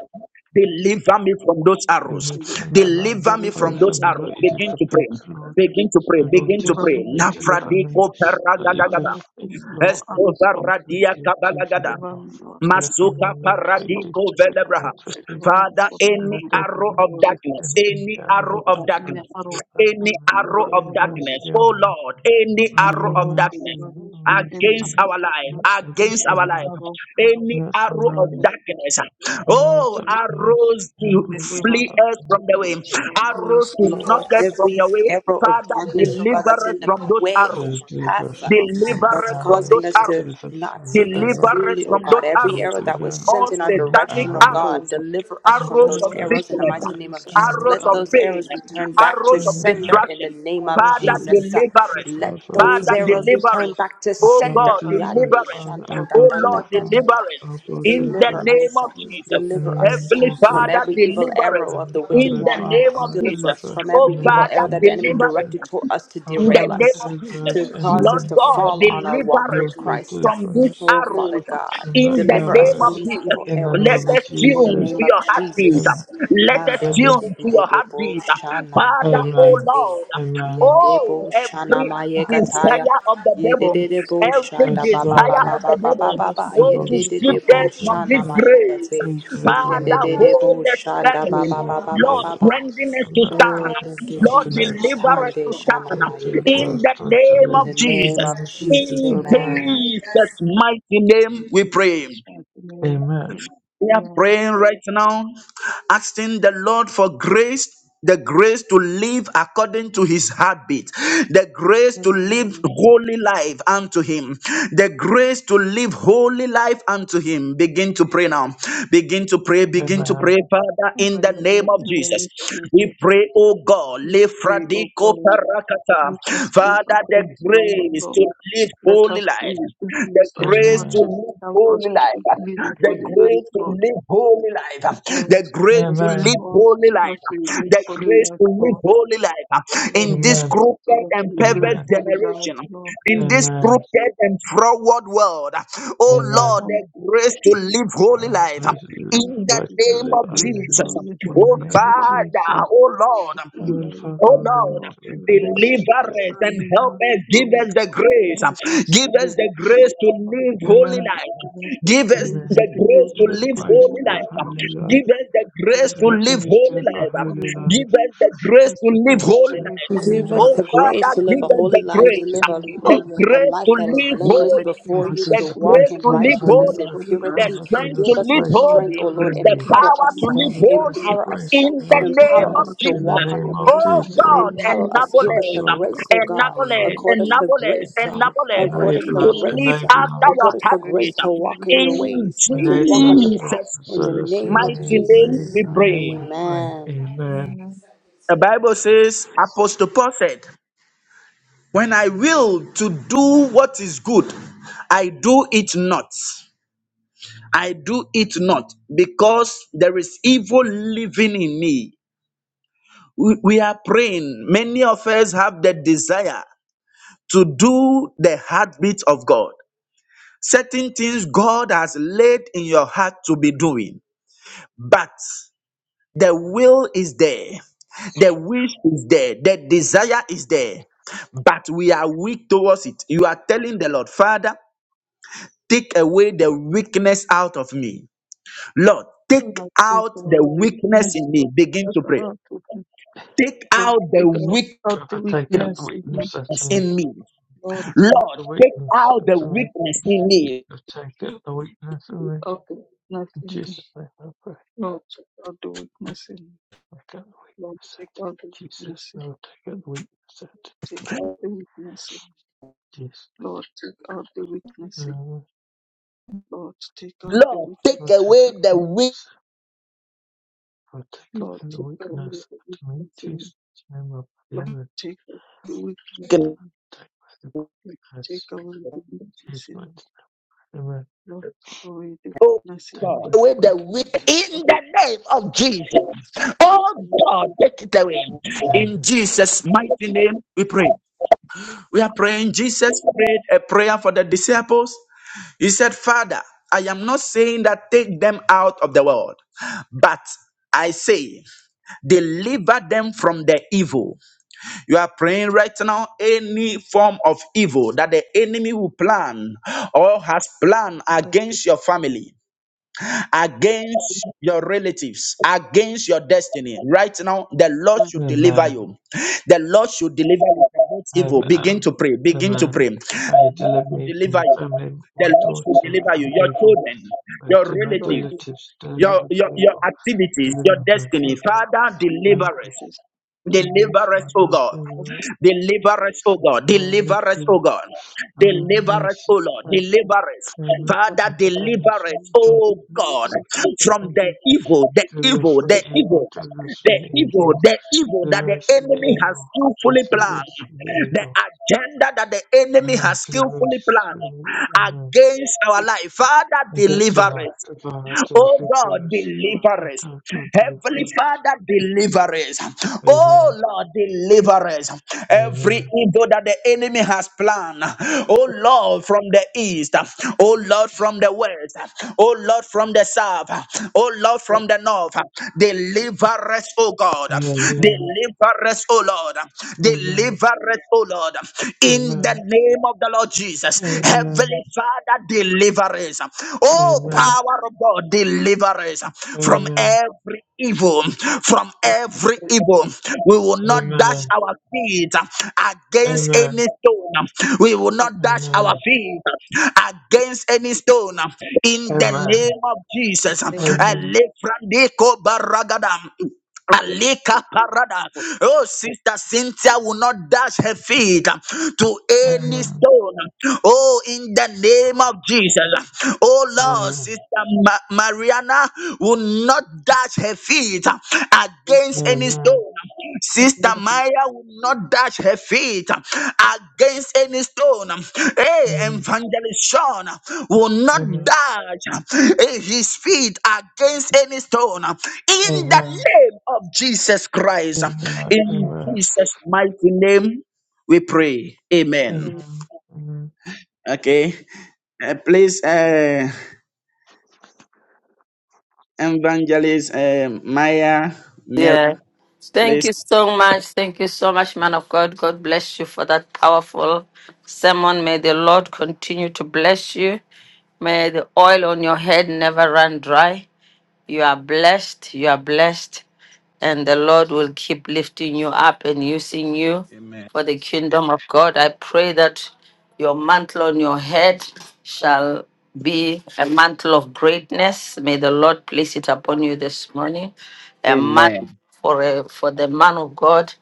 S3: Deliver me from those
S2: through
S3: arrows.
S2: me from the murmur,
S3: Deliver
S2: Lord,
S3: me
S2: pray
S3: from
S5: delivering
S2: for
S3: those
S5: for us
S2: me.
S3: arrows.
S2: Lord, you
S5: from
S2: do
S3: Begin
S2: for
S3: to
S2: Peter,
S3: pray.
S2: Lord.
S5: the
S3: Begin to pray.
S2: The Lord
S3: Begin to
S5: Deliver
S2: Jesus,
S3: pray.
S5: me
S2: pray,
S5: from evil
S2: deliver me.
S3: Lafradiko
S2: Lord, you
S5: Deliver
S2: pray
S3: peragadagada.
S5: me
S2: for Peter,
S5: from
S2: Lord,
S5: evil
S2: pray
S5: others,
S2: for
S5: Lord.
S2: Peter, Lord, do, do for
S3: Esovaradiakabalagada.
S2: me,
S5: Deliver
S2: Lord.
S5: me, Lord, from
S2: Deliver
S5: evil
S2: me,
S3: Masuka
S2: Lord,
S5: others,
S2: Lord, you
S5: Lord.
S2: do
S3: paradiko
S2: pray,
S5: Deliver me,
S3: velebraha.
S2: pray for
S5: deliver my
S2: Peter.
S3: Father,
S5: children
S2: That
S3: any
S2: the
S5: from
S2: devil
S5: evil
S3: arrow
S2: wouldn't
S3: of
S5: powers.
S2: sift
S3: darkness,
S2: him in
S3: any
S2: the hour of
S3: arrow of
S5: That any
S2: darkness,
S3: darkness,
S5: arrow
S2: pray,
S5: of
S2: pray for
S3: any
S5: darkness,
S2: me, Lord,
S3: arrow
S5: deliver
S2: pray,
S3: of
S5: me, Lord.
S3: darkness,
S2: mercy on
S3: oh
S2: me.
S3: Lord, any
S5: O
S3: arrow
S2: Father,
S3: of
S5: Lord,
S3: darkness
S2: mercy,
S5: deliver me from
S2: Lord,
S5: any
S3: against
S2: mercy.
S5: arrow of
S3: our life,
S2: Lord,
S5: darkness,
S2: against
S3: against
S2: the
S3: our
S5: any
S2: Lord,
S3: life,
S5: arrow of
S3: any
S2: against the
S3: arrow
S5: darkness
S3: of
S2: Lord.
S5: against me,
S3: darkness,
S5: against our
S2: No
S3: oh,
S5: victims.
S2: darkness
S3: arrows to
S2: in is
S5: Deliver,
S3: flee us
S2: darkness.
S3: from the
S5: deliver
S3: way,
S5: us, Lord.
S3: arrows
S4: Yes,
S3: to knock
S4: Lord,
S3: us from
S4: every
S3: your way,
S4: arrow of
S3: Father,
S4: darkness,
S2: If
S4: oh God,
S3: deliver
S4: that's
S5: Deliver
S3: us
S4: in the
S3: from those
S5: us,
S4: way
S5: Lord.
S4: of
S2: they
S3: arrows,
S4: our
S2: deliver
S4: path, uh,
S2: us
S5: Deliver
S2: from
S5: from
S3: Deliver
S2: an
S4: that's
S3: us
S5: evil
S3: from
S2: arrow,
S4: causing
S3: those
S5: others,
S4: us
S2: they
S5: Lord.
S4: to
S3: arrows.
S2: deliver us
S4: not
S2: from the
S4: see things
S3: Deliver
S5: Deliver us,
S3: us
S4: clearly,
S2: arrows.
S5: Lord.
S4: oh
S3: from
S4: God.
S3: those
S2: They
S4: Every
S3: arrows.
S4: arrow that
S2: deliver
S4: was
S3: All
S2: us
S4: sent in our
S5: Deliver
S2: from the
S5: from
S3: satanic
S4: direction,
S5: evil
S4: oh
S2: arrows.
S3: arrows,
S4: God,
S5: others.
S4: deliver us
S2: They
S4: from
S3: arrows
S4: those
S3: of
S5: Lord
S2: deliver
S5: has
S4: arrows
S2: us
S4: in the
S5: been
S2: from
S3: sickness,
S4: mighty
S5: over
S4: name of
S2: the
S4: Jesus.
S5: satanic
S2: arrows.
S3: arrows
S4: Let
S3: of
S5: hour in
S4: those
S5: the
S3: pain,
S4: arrows
S5: mighty
S4: return
S5: name of
S4: back to
S3: arrows
S2: When
S5: Jesus.
S3: of
S2: the
S4: sender
S2: lamb
S4: in the
S3: distraction.
S5: I
S4: name of
S5: will
S3: Father,
S2: of
S5: free them
S4: Jesus. uh,
S3: deliver
S2: destruction,
S3: us.
S4: Let
S2: Father,
S4: those
S5: from
S3: Father,
S5: the
S2: deliver
S4: arrows
S2: us.
S5: works
S3: deliver
S4: return
S5: of
S3: us.
S4: back to
S2: My
S3: Oh
S2: Father,
S4: sender.
S3: God,
S2: deliver
S5: darkness,
S2: us.
S4: Yande
S3: deliver us.
S2: Father,
S4: shanda
S2: our
S5: from
S4: da
S3: Oh
S2: God,
S4: da
S5: the
S2: deliver
S4: da
S3: Lord,
S4: da
S5: works
S4: da
S3: deliver
S2: us.
S4: da.
S3: us.
S2: Our God,
S3: In the
S2: deliver
S4: Deliver
S5: of Lord,
S2: us.
S3: name
S4: us,
S5: to
S3: of
S5: the works
S3: Jesus.
S2: In the
S4: deliver
S2: name of
S4: us
S5: of
S3: Heavenly
S5: the
S4: from
S3: Father,
S2: Jesus.
S4: every
S5: others,
S4: evil
S3: deliver us.
S4: arrow of the
S2: And
S4: wicked
S3: In
S2: our
S3: the
S4: one.
S5: general
S3: name of
S2: Father,
S5: souls,
S4: Deliver
S3: Jesus.
S4: us
S2: deliver
S5: in
S4: from
S5: the
S2: us.
S3: Oh
S4: every
S2: In the
S5: name of
S4: evil
S3: Father,
S4: arrow
S2: mighty name
S4: that the
S2: of
S4: enemy
S5: Jesus.
S3: deliver
S2: Jesus.
S4: directed toward
S3: us
S4: us to
S2: Our
S3: in the
S4: derail
S2: Father,
S3: name
S5: Deliver
S4: us,
S3: of
S2: deliver
S3: Jesus.
S4: to
S2: us
S5: deliver
S2: in
S5: us
S2: the
S4: cause
S5: from
S4: us
S3: Lord
S2: name
S5: the
S4: to
S2: of
S3: God,
S4: fall
S5: name
S4: on our
S2: Jesus.
S3: deliver
S4: walk
S5: of
S2: Lord
S4: with
S3: us
S2: God,
S5: Jesus.
S4: Christ.
S3: from
S2: deliver
S3: these
S2: us
S4: Oh,
S5: Deliver
S4: Father
S3: arrows
S5: us
S4: God,
S2: from
S5: from
S2: the
S3: in the
S4: deliver us
S3: name
S4: from
S2: errors
S3: of
S5: deliver
S4: these
S5: us
S3: Jesus.
S5: from
S4: evil
S2: in the
S5: evil
S3: Let
S4: arrows
S2: name of
S3: us
S5: powers in the
S4: in
S5: name
S4: the
S3: tune to
S2: Jesus.
S4: name
S5: of
S4: of
S3: your
S5: Jesus.
S3: heartbeat.
S2: Amen.
S4: Jesus.
S3: Let us
S2: Amen.
S3: tune to your heartbeat. Father,
S5: And
S3: oh
S2: Amen.
S3: Lord,
S2: Amen.
S4: Yende bo
S3: oh,
S4: shana
S3: every
S4: maye kataya.
S3: desire of the
S4: Yede de
S3: devil,
S5: deliver
S4: de
S5: us
S4: bo
S5: possible
S3: every
S2: I
S4: shada ba ba
S2: desire
S4: ba
S2: that
S3: desire
S4: ba
S2: the
S3: of
S4: ba
S3: the
S4: ba
S5: to be able to
S4: ba
S3: devil,
S4: ba
S5: deliver us
S4: ba.
S5: from
S3: oh,
S5: the
S3: to
S4: Yende
S2: devil,
S5: evil
S4: de
S3: strip
S4: de
S2: I
S4: bo
S5: desires.
S3: us
S2: pray,
S3: from
S5: of
S4: shana
S5: the
S3: this
S2: deliver us.
S4: maye
S3: grace.
S4: kate.
S2: Please deliver
S4: Yende
S2: me,
S3: Father,
S4: de
S5: world.
S4: de
S2: Lord.
S4: bo
S3: hold us
S4: shanda ba
S2: Please
S3: firmly.
S4: ba ba
S5: Everyone
S2: deliver
S4: ba ba
S2: me,
S3: Lord,
S4: ba
S2: Lord.
S4: ba.
S3: strengthen us to
S2: Amen.
S4: Oh, thank
S3: stand.
S4: you,
S5: knows
S3: Lord,
S5: the
S2: Something
S4: Jesus.
S5: story
S2: else.
S3: deliver
S5: is
S3: us
S4: Hande
S3: to
S5: God
S4: shana
S3: stand.
S4: maye
S2: Deliver
S4: kate.
S3: In
S2: us
S3: the name
S4: In
S2: totally.
S4: the
S3: of
S2: In the
S4: name
S3: Jesus.
S4: of
S2: name of
S5: In the
S4: Jesus,
S2: Jesus, I
S3: In
S5: name of
S2: pray.
S4: amen.
S5: Jesus,
S3: Jesus' mighty name,
S5: in
S3: we pray.
S5: Jesus' mighty name,
S2: Amen.
S3: We are
S5: Amen.
S3: praying right now, asking the Lord for grace. The grace to live according to his habit, the grace to live
S5: Amen.
S3: holy life unto him, the grace to live holy life unto him. Begin to pray now. Begin to pray, begin to
S2: Amen.
S3: pray, Father,
S5: And
S3: in
S5: by
S3: the
S5: the
S3: name
S5: mighty
S3: of
S5: name
S3: Jesus.
S5: of
S3: We
S5: Jesus,
S3: pray, oh God,
S5: we pray, O
S3: Lefradiko
S5: God,
S3: parakata.
S5: let us live
S3: Father,
S5: according
S3: the
S5: to your own
S3: grace
S5: law.
S3: to live
S5: Let
S3: holy
S5: us do
S3: life
S5: the
S3: the
S5: things that you
S3: grace
S5: want
S2: Amen.
S3: to
S5: to
S3: live
S5: help us
S3: holy
S5: to
S3: life,
S5: live a
S3: the
S5: holy life,
S3: grace to
S5: Lord.
S3: live holy life,
S5: Lord,
S3: the grace
S5: bless
S3: to
S5: us,
S3: live
S2: Amen.
S5: Lord,
S3: holy
S5: so that we
S3: life,
S5: live
S3: the
S5: holy
S3: grace
S5: life,
S3: to live
S5: Lord.
S3: holy life
S5: Lord,
S3: in
S5: bless
S3: this
S2: Amen.
S5: us so
S3: crooked
S5: that
S3: and
S5: we live
S3: perverse
S2: Amen.
S5: holy life,
S3: generation,
S5: Lord.
S3: in this
S2: Amen.
S3: crooked and forward world. Oh
S2: Amen.
S3: Lord, the grace to live holy
S2: Oh,
S3: life
S2: Let's live,
S5: Lord,
S3: in the
S2: let's
S5: give us
S3: name
S5: the
S2: live
S3: of
S5: grace
S2: only
S5: to
S3: Jesus.
S2: Lord.
S5: live a
S2: In
S5: holy
S2: the
S3: Oh
S5: life,
S2: name of
S5: Lord.
S3: Father,
S2: Jesus.
S3: oh
S5: with
S3: Lord.
S5: our
S2: Lord,
S5: lives
S2: Father,
S3: Oh
S2: our
S5: and to
S2: Lord,
S3: Lord,
S5: Lord,
S2: live
S5: and
S2: with
S5: mercy,
S2: us,
S3: deliver
S2: to live
S3: us and
S2: only
S3: help
S2: Lord.
S3: us. Give us
S5: Lord,
S3: the grace.
S5: help us
S3: Give
S5: to live
S3: us the
S5: a
S3: grace
S5: holy
S3: to
S5: life.
S3: live holy
S2: Amen.
S3: life.
S5: Give us the
S3: Give us
S5: grace
S3: the
S2: Amen.
S5: to
S3: grace
S5: live
S3: to
S2: Give us
S5: as
S2: the
S3: live
S5: a
S2: grace
S3: holy
S5: holy
S2: to live
S5: life,
S3: life.
S2: holy
S5: Lord.
S3: Give
S2: life.
S3: us the
S5: Give
S3: grace
S5: us
S2: Give
S3: to
S2: us
S5: the
S2: the
S3: live
S5: grace
S2: grace to
S5: to
S3: holy
S2: live
S5: live
S2: a
S3: life.
S5: a
S2: holy
S5: holy life.
S3: Give
S2: life.
S3: us the grace
S5: Give us
S3: to
S5: the
S2: The
S3: live
S5: grace
S2: grace to
S5: to
S3: holy
S2: live
S5: live
S3: life.
S5: a
S2: holy
S5: holy
S4: Give us
S2: life.
S5: life.
S3: Oh
S4: the
S3: Father,
S4: grace to live
S5: Give
S3: give
S4: a
S5: us
S3: us
S4: holy
S5: the
S3: the
S4: life,
S5: grace
S4: to
S3: grace.
S5: to
S4: live a,
S5: live
S3: The
S5: holy
S2: Oh,
S5: life.
S4: a
S3: grace
S4: life
S3: to
S4: that is
S3: live
S4: blameless
S5: Father,
S3: holy.
S5: give
S4: before
S2: Father,
S5: us
S4: you,
S2: give
S3: The
S2: us
S4: to
S2: the
S4: walk
S3: grace
S2: grace
S4: in
S5: the
S3: to
S2: to live
S5: grace
S3: live
S2: a
S5: to
S2: holy
S5: live
S4: righteousness and
S3: holy
S2: life.
S5: holy
S3: the
S5: life.
S4: purity.
S2: Father, give
S3: strength to
S2: us
S4: Give
S2: the
S4: us
S3: live
S4: the
S2: grace to
S5: Lord,
S2: live
S4: strength, O
S3: holy,
S5: give
S4: Lord.
S5: us the
S3: the
S2: holy.
S5: grace
S4: Empower
S5: to
S3: power to
S4: us. uh,
S5: live
S3: live
S2: Lord, we
S5: holy life.
S2: bless the
S3: holy
S4: Empower us. uh,
S2: grace,
S3: in the
S2: now to
S5: The
S3: name
S4: Empower
S5: power
S2: bring
S3: of
S4: us to
S5: to
S2: in the
S5: live
S3: Jesus.
S4: walk on your
S2: name of
S5: holy
S4: path.
S3: Oh
S4: uh,
S5: in the
S3: God,
S5: name of
S2: Jesus.
S4: Empower us.
S3: enable
S4: Give
S2: Now
S4: us
S5: Jesus.
S3: us,
S4: the
S2: God,
S4: grace, O God.
S3: enable
S2: empower
S3: us,
S5: and
S2: us,
S4: Accord us the
S3: enable
S5: phones.
S3: us,
S4: grace.
S2: empower,
S3: enable
S4: uh,
S5: Oh
S3: us
S5: Lord,
S4: Accord us
S2: enable
S4: the
S3: to
S2: us,
S3: live
S4: grace. uh,
S2: enable
S3: after
S5: give
S2: us,
S3: your
S4: Accord
S5: us
S4: us
S5: the
S4: the
S5: grace
S4: grace
S3: heartbeat.
S4: to
S5: to
S4: walk
S5: live
S4: in
S5: for
S4: your
S5: you, Lord.
S3: In
S4: ways, to
S2: enable
S4: walk on
S2: us,
S4: your
S2: Lord,
S4: path.
S3: Jesus'
S2: in
S5: Give
S4: In
S5: us
S4: the
S5: the
S2: Jesus'
S4: name
S5: grace
S3: mighty
S4: of
S5: to
S2: name,
S5: live
S3: name
S5: for
S2: we,
S5: you,
S4: Jesus.
S3: we
S5: Lord.
S2: name
S3: pray.
S2: we pray.
S4: Amen.
S2: Amen.
S5: Amen.
S3: The Bible says, Apostle Paul said, When I will to do what is good, I do it not. I do it not because there is evil living in me. We, we are praying. Many of us have the desire to do the heartbeat of God. Certain things God has laid in your heart to be doing, but the will is there, the wish is there, the desire is there, but we are weak towards it. You are telling the Lord, Father, take away the weakness out of me Lord,
S5: Oh,
S3: take
S5: Lord, take
S3: out the
S5: away the
S3: weakness
S5: weakness
S3: in
S5: of
S3: me. Begin to pray.
S5: out of
S3: Take
S5: Lord.
S3: out the
S5: Take out,
S3: weakness
S5: out the
S2: Father, take out the
S5: weakness in me,
S2: weakness out of me.
S3: in me.
S5: Lord.
S2: Take out
S3: Lord,
S2: the
S3: take
S2: weakness
S3: out
S2: out
S3: the
S2: of me.
S3: weakness in me.
S2: Father, Take out the weakness out of
S5: Take
S2: me.
S5: out the weakness
S2: In
S5: in me,
S2: Jesus' name I pray.
S5: Lord. Take out the weakness in me,
S2: Take out the
S5: Lord.
S2: weakness out
S5: Take
S2: of me.
S5: out the
S2: Jesus,
S5: weakness in me,
S2: no, take out the weakness out
S5: take out the weakness in me,
S2: of me.
S5: Lord. Take out the weakness in me,
S2: Jesus.
S5: Lord. Take out the
S3: Lord, take
S5: weakness in
S3: away the
S2: Particularly
S3: weakness.
S5: me, Lord.
S2: the
S5: Take out the
S2: weakness at
S5: weakness in me.
S2: Jesus, name of the
S5: Lord,
S2: Lord,
S5: take away the weakness in me.
S2: take away the
S5: Take
S2: weakness.
S5: away the weakness in me.
S2: Judgment. Amen.
S5: Lord, take away the
S3: Oh
S5: weakness in
S2: Take
S3: God,
S5: me.
S3: take
S2: away the
S3: away the
S2: weakness.
S3: weak in
S5: Lord,
S3: the name of Jesus.
S5: the
S3: Oh God,
S5: weakness
S3: take it away. In
S2: Amen.
S3: Jesus' mighty name, we pray. We are praying. Jesus prayed a prayer for the disciples. He said, Father, I am not saying that take them out of the world, but I say, deliver them from the evil. You are praying right now any form of evil that the enemy will plan or has planned
S5: that the
S3: against your family against
S5: human
S3: your relatives, against your destiny. Right now, the Lord
S5: man,
S3: should deliver
S2: Amen.
S3: you. The Lord should deliver you from that evil. Begin
S2: Amen.
S3: to pray. Begin to
S2: Amen.
S3: pray. The
S2: Pray you
S3: Lord
S2: deliver
S3: should
S2: me,
S3: deliver
S2: my
S3: you.
S2: family,
S3: The
S2: my
S3: Lord should
S2: daughter
S3: deliver you.
S2: from
S3: Your
S2: evil.
S3: children,
S2: Pray
S3: your
S2: to my
S5: Lord,
S3: relatives,
S5: the weakness
S2: relatives, deliver
S3: your,
S2: them
S3: your,
S2: from
S3: your
S2: evil.
S3: activities,
S2: Deliver
S3: your
S2: my
S3: destiny.
S2: father,
S3: Father,
S2: my
S3: deliver us.
S2: uncles, tenants,
S3: Deliver us,
S2: my
S3: O
S2: mother,
S3: God.
S5: of
S3: Deliver us, O God.
S2: Mary
S3: Deliver us, O
S2: Nicola,
S3: God.
S5: the
S2: Alan
S3: Deliver us, O
S2: Mason,
S3: Lord.
S2: Fred
S3: Deliver us.
S5: human
S2: Elmer
S5: man, Lord, the
S3: Father, deliver
S2: Ankatanasu
S3: us,
S2: Johnson
S3: O
S5: weakness
S3: God,
S2: Local
S3: from the
S2: Package
S3: evil, the evil,
S2: Television
S5: to
S3: the
S2: Evil
S3: evil, the
S2: Television
S3: evil,
S2: Evil
S3: the evil that the
S2: Television
S3: enemy has
S2: Evil
S3: skillfully planned,
S2: Television
S3: the
S2: Evil
S3: agenda that the enemy has skillfully planned
S2: Television
S3: against our
S5: do the
S3: life. Father,
S2: Against the
S3: deliver us.
S2: light of our
S3: Oh God,
S2: delivers,
S3: deliver us.
S2: Akata
S3: Heavenly
S2: delivers.
S3: Father, deliver us. Oh
S2: Amen.
S3: Lord, deliver us. Every
S2: Amen.
S3: evil that the enemy has planned. Oh Lord, from the east. Oh Lord, from the west. Oh Lord, from the south. Oh Lord, from the north. Deliver us, oh God.
S2: Amen.
S3: Deliver us, oh Lord.
S2: Amen.
S3: Deliver us, oh Lord. In the
S2: Amen.
S3: name of the Lord Jesus.
S2: Amen.
S3: Heavenly Father, deliver deliver us.
S2: Amen.
S3: Oh,
S2: Amen.
S3: power of God, deliver us from every evil, from
S5: work
S3: every
S5: that I
S3: evil. We will not dash our feet
S2: Amen.
S3: against
S2: Amen.
S3: any stone. We will not dash our feet against any stone. In the
S2: Amen. Amen.
S3: name of Jesus.
S5: think
S2: Amen.
S3: Elefrandeko baragadam.
S5: of,
S3: Alika parada. Oh, sister Cynthia will not dash her feet uh, to any
S2: Amen.
S3: stone. Oh, in the name of Jesus. Oh, Lord,
S2: Amen.
S3: sister Ma- Mariana will not dash her feet uh, against any
S2: Amen.
S3: stone.
S5: that I know
S3: Sister
S5: you can do.
S3: Maya will not dash her feet uh, against any stone. um, Hey,
S2: Amen.
S3: Evangelist Sean uh, will not
S2: Amen.
S3: dash uh, eh, his feet against any stone. uh, In the
S2: Amen.
S3: name of Jesus Christ, uh,
S2: Amen.
S3: in
S2: Amen.
S3: Jesus' mighty name, we pray. Amen.
S2: Amen.
S3: Okay. Uh, please, uh, Evangelist uh, Maya,
S1: Yeah. Thank
S3: please.
S1: you so much. Thank you so much, man of God. God bless you for that powerful sermon. May the Lord continue to bless you. May the oil on your head never run dry. You are blessed. You are blessed. And the Lord will keep lifting you up and using you for the kingdom of God. I pray that your mantle on your head shall be a mantle of greatness. May the Lord place it upon you this morning a man for a, for the man of God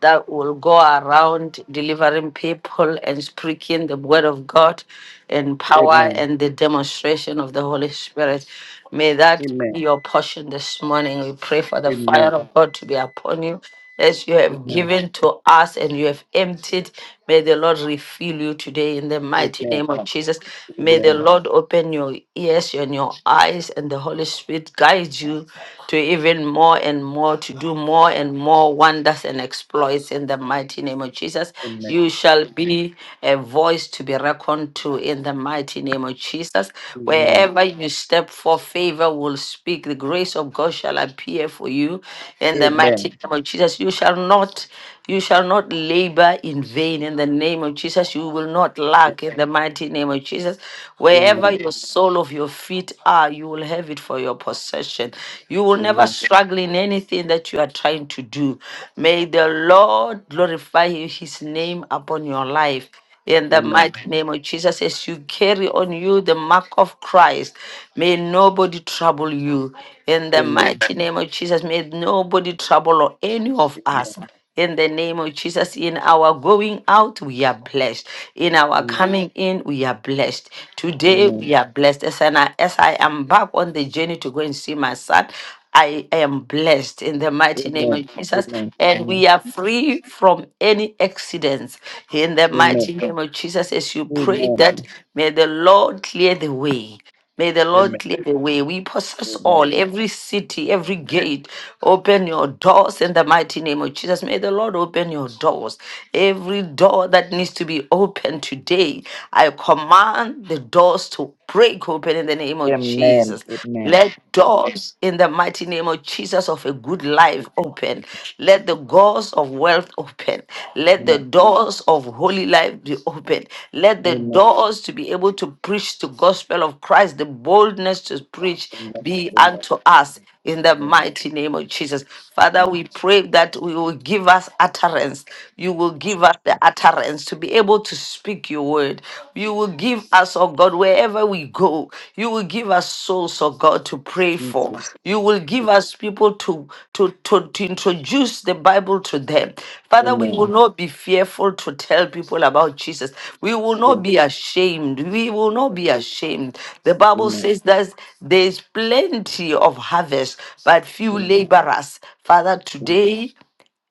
S1: that will go around delivering people and speaking the word of God in power and the demonstration of the Holy Spirit. May that be your portion this morning. We pray for the fire
S3: Amen.
S1: of God to be upon you as you have
S3: Amen.
S1: given to us and you have emptied. May the Lord refill you today in the mighty
S3: Amen.
S1: name of Jesus. May the
S3: Amen.
S1: Lord open your ears and your eyes, and the Holy Spirit guide you to even more and more, to do more and more wonders and exploits in the mighty name of Jesus.
S3: Amen.
S1: You shall be a voice to be reckoned to in the mighty name of Jesus.
S3: Amen.
S1: Wherever you step for favor will speak. The grace of God shall appear for you in the mighty name of Jesus. You shall not, you shall not labor in vain in the name of Jesus. You will not lack in the mighty name of Jesus. Wherever your sole of your feet are, you will have it for your possession. You will never struggle in anything that you are trying to do. May the Lord glorify his name upon your life in the mighty name of Jesus. As you carry on you the mark of Christ, may nobody trouble you. In the
S3: Amen.
S1: mighty name of Jesus, may nobody trouble any of us. In the name of Jesus, in our going out, we are blessed. In our
S3: Amen.
S1: coming in, we are blessed. Today, we
S3: Amen.
S1: are blessed. As I, as I am back on the journey to go and see my son, I am blessed in the mighty name
S3: Amen.
S1: of Jesus,
S3: Amen.
S1: and we are free from any accidents in the
S3: Amen.
S1: mighty name of Jesus. As you
S3: Amen.
S1: pray that,
S3: Amen.
S1: may the Lord clear the way. May the Lord
S3: Amen.
S1: clear the way. We possess
S3: Amen.
S1: all, every city, every gate. Open your doors in the mighty name of Jesus. May the Lord open your doors. Every door that needs to be opened today, I command the doors to break open in the name of
S3: Amen.
S1: Jesus. Let doors in the mighty name of Jesus of a good life open. Let the doors doors of wealth open. Let the
S3: Amen.
S1: doors of holy life be open. Let the
S3: Amen.
S1: doors to be able to preach the gospel of Christ, the boldness to preach
S3: Amen.
S1: be
S3: Amen. Amen.
S1: unto us in the
S3: Amen.
S1: mighty name of Jesus. Father,
S3: Amen.
S1: we pray that we will give us utterance. You will give us the utterance to be able to speak your word. You will give us, oh God, wherever we we go. You will give us souls, oh God, to pray for.
S3: Jesus.
S1: You will give us people to, to, to, to introduce the Bible to them. Father, we will not be fearful to tell people about Jesus. We will not be ashamed. We will not be ashamed. The Bible
S3: Amen.
S1: says that there's plenty of harvest, but few laborers. Father, today,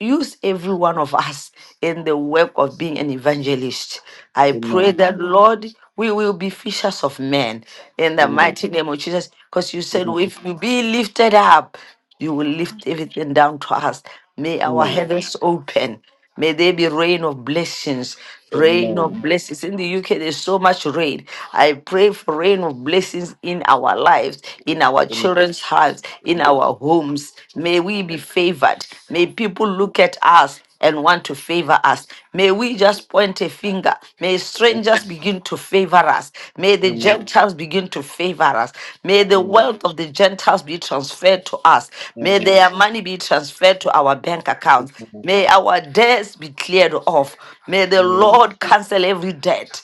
S1: use every one of us in the work of being an evangelist. I pray
S5: Lord, I pray
S1: that, Lord, we will be fishers of men in the mighty name of Jesus. Because you said,
S3: Amen.
S1: if you be lifted up, you will lift everything down to us. May our heavens open. May there be rain of blessings, rain of
S3: Amen.
S1: blessings. In the UK, there's so much rain. I pray for rain of blessings in our lives, in our
S3: Amen. Amen.
S1: children's hearts, in our homes. May we be
S3: Amen.
S1: favored. May people look at us and want to favor us. May we just point a finger. May strangers
S3: Amen.
S1: begin to favor us. May the
S3: Amen.
S1: Gentiles begin to favor us. May
S3: Amen.
S1: the
S3: Amen.
S1: wealth of the Gentiles be transferred to us. May
S3: Amen.
S1: their money be transferred to our bank accounts. May our debts be cleared off. May the
S5: for
S1: Lord cancel every debt.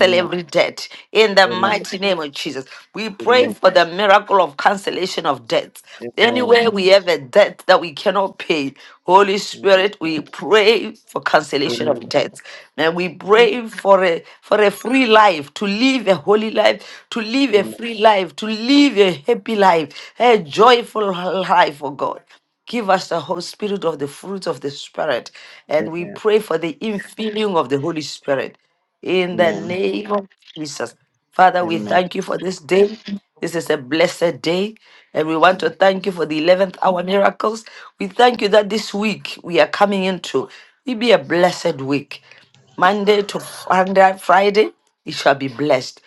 S3: Amen. Amen. Amen. Amen. Amen. Amen.
S1: every debt in the
S5: you. I pray
S3: Amen.
S1: mighty name of Jesus. We pray for the miracle of cancellation of debts. Anywhere we have a debt that we cannot pay, Holy Spirit, we pray for cancellation of debts. And we
S5: for
S1: pray for a for a free life, to live a holy life, to live a free life, to live a happy life, a joyful life, oh God. Give us the whole spirit of the fruit of the Spirit. And we pray for the infilling of the Holy Spirit in the name of Jesus. Father,
S3: Amen. Amen. Amen.
S1: we
S3: Amen.
S1: thank you for this day. This is a blessed day. And we want to thank you for the 11th hour miracles. We thank you that this week we are coming into will be a blessed week. Monday to Friday, Friday, it shall be blessed.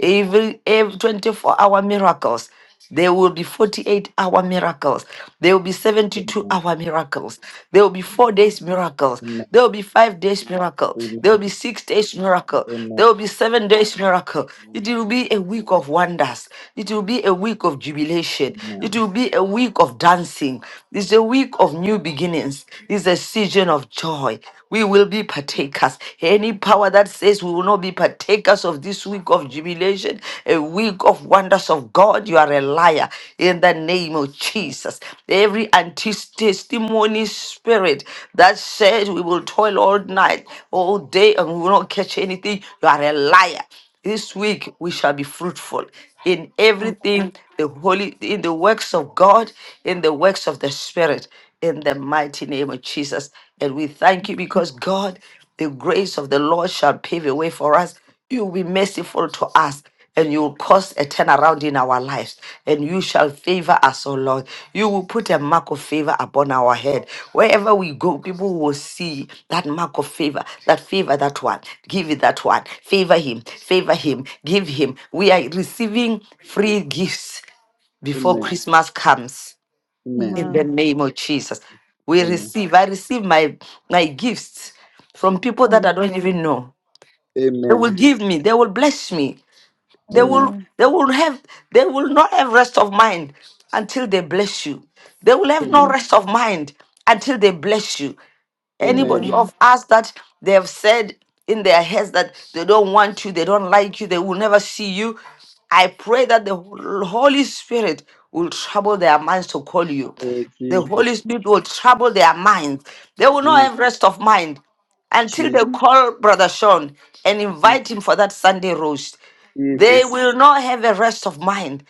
S1: Every, every 24 hour miracles. There will be 48 hour miracles. There will be 72 hour miracles. There will be four days miracles. There will be five days miracle. There will be six days miracle.
S3: Amen. Amen.
S1: There
S3: Amen.
S1: will be seven days miracle. It will be a week of wonders. It will be a week of jubilation. It
S3: Amen.
S1: will be a week of dancing. It's a week of new beginnings. It's a season of joy we will be partakers. Any power that says we will not be partakers of this week of jubilation, a week of wonders of God, you are a liar in the name of Jesus. Every anti testimony spirit that says we will toil all
S3: Amen.
S1: night, all day, and we will not catch anything, you are a liar. This week we shall be fruitful in
S5: now. I pray for now. I pray for now.
S1: everything, the holy, in the works of God, in the works of the Spirit in the mighty name of Jesus. And we thank you because God, the grace of the Lord shall pave a way for us. You will be merciful to us. And you will cause a turnaround in our lives, and you shall favor us, O Lord. You will put a mark of favor upon our head. Wherever we go, people will see that mark of favor, that favor, that one. Give it that one. Favor him, favor him, give him. We are receiving free gifts before
S3: Amen.
S1: Christmas comes
S3: Amen.
S1: in the name of Jesus. We
S3: Amen.
S1: receive, I receive my my gifts from people
S5: I
S1: that I don't even know. They will
S3: Amen.
S1: give me, they will bless me. They
S3: Amen.
S1: will they will have they will not have rest of mind until they bless you. They will have
S3: Amen.
S1: no
S5: pray
S1: rest of mind until they bless you.
S5: for
S1: Anybody
S3: Amen.
S1: of
S5: now.
S1: us that they have said in their heads that they don't want you, they don't like you, they will never see you. I pray that the Holy Spirit will trouble their minds to call you.
S3: Oh
S1: The Holy
S3: Jesus.
S1: Spirit will trouble their minds. They will not
S3: Jesus.
S1: have rest of mind until they
S3: Jesus.
S1: call Brother Sean and invite him for that Sunday roast. They
S3: Jesus.
S1: will not have a rest of mind.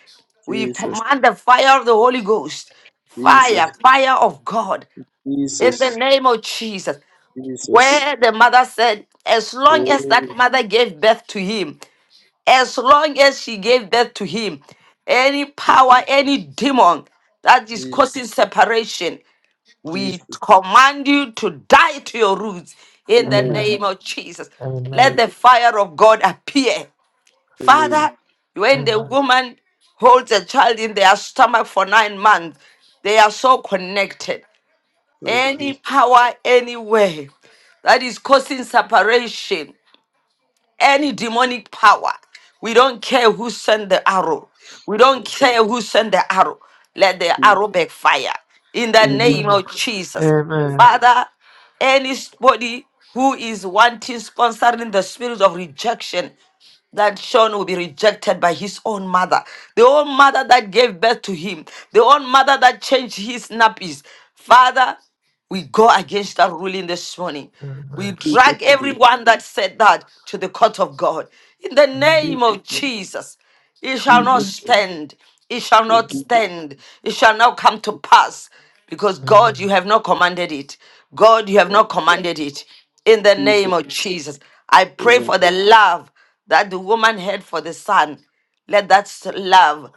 S1: We
S3: Jesus.
S1: command the fire of the Holy Ghost, fire,
S3: Jesus.
S1: fire of God, in the
S3: Jesus.
S1: name of Jesus.
S3: Jesus.
S1: Where the mother said, as long as
S3: Amen.
S1: that mother gave birth to him, as long as she gave birth to him, any power, any demon that is
S3: Je-
S1: causing separation, we
S3: Jesus.
S1: command you to die to your roots in the
S3: Amen.
S2: Amen.
S1: name of Jesus. Let
S2: Amen.
S1: the fire of God appear
S3: Amen.
S1: Father, when the
S2: Amen.
S1: woman holds a child in their stomach for nine months, they are so connected.
S3: Oh
S1: Any
S3: Jesus.
S1: power, anywhere that is causing separation, any demonic power, we don't care who sent the arrow. We don't
S3: Oh,
S1: care who sent the arrow. Let the
S3: Je-
S1: arrow backfire in the
S3: In Jesus'
S1: name
S2: Amen.
S1: of Jesus.
S3: name.
S1: Father, anybody who is wanting sponsoring the spirit of rejection that Sean will be rejected by his own mother, the own mother that gave birth to him, the own mother that changed his nappies. Father, we go against that ruling this morning. We
S2: Amen.
S3: Jesus'
S1: drag
S3: name.
S1: everyone that said that to the court of God. In the name
S3: Jesus.
S1: of
S3: name.
S1: Jesus, it shall not
S3: Jesus.
S5: I
S3: name.
S1: stand. It shall
S3: Oh,
S1: not
S3: Jesus.
S1: stand. It shall not come to pass because
S2: Amen.
S1: God, you have not commanded it. God, you have
S3: Yeah.
S1: not commanded it. In the name
S3: Jesus.
S1: of Jesus, I pray
S3: Amen.
S1: for the love that the woman had for the son, let that love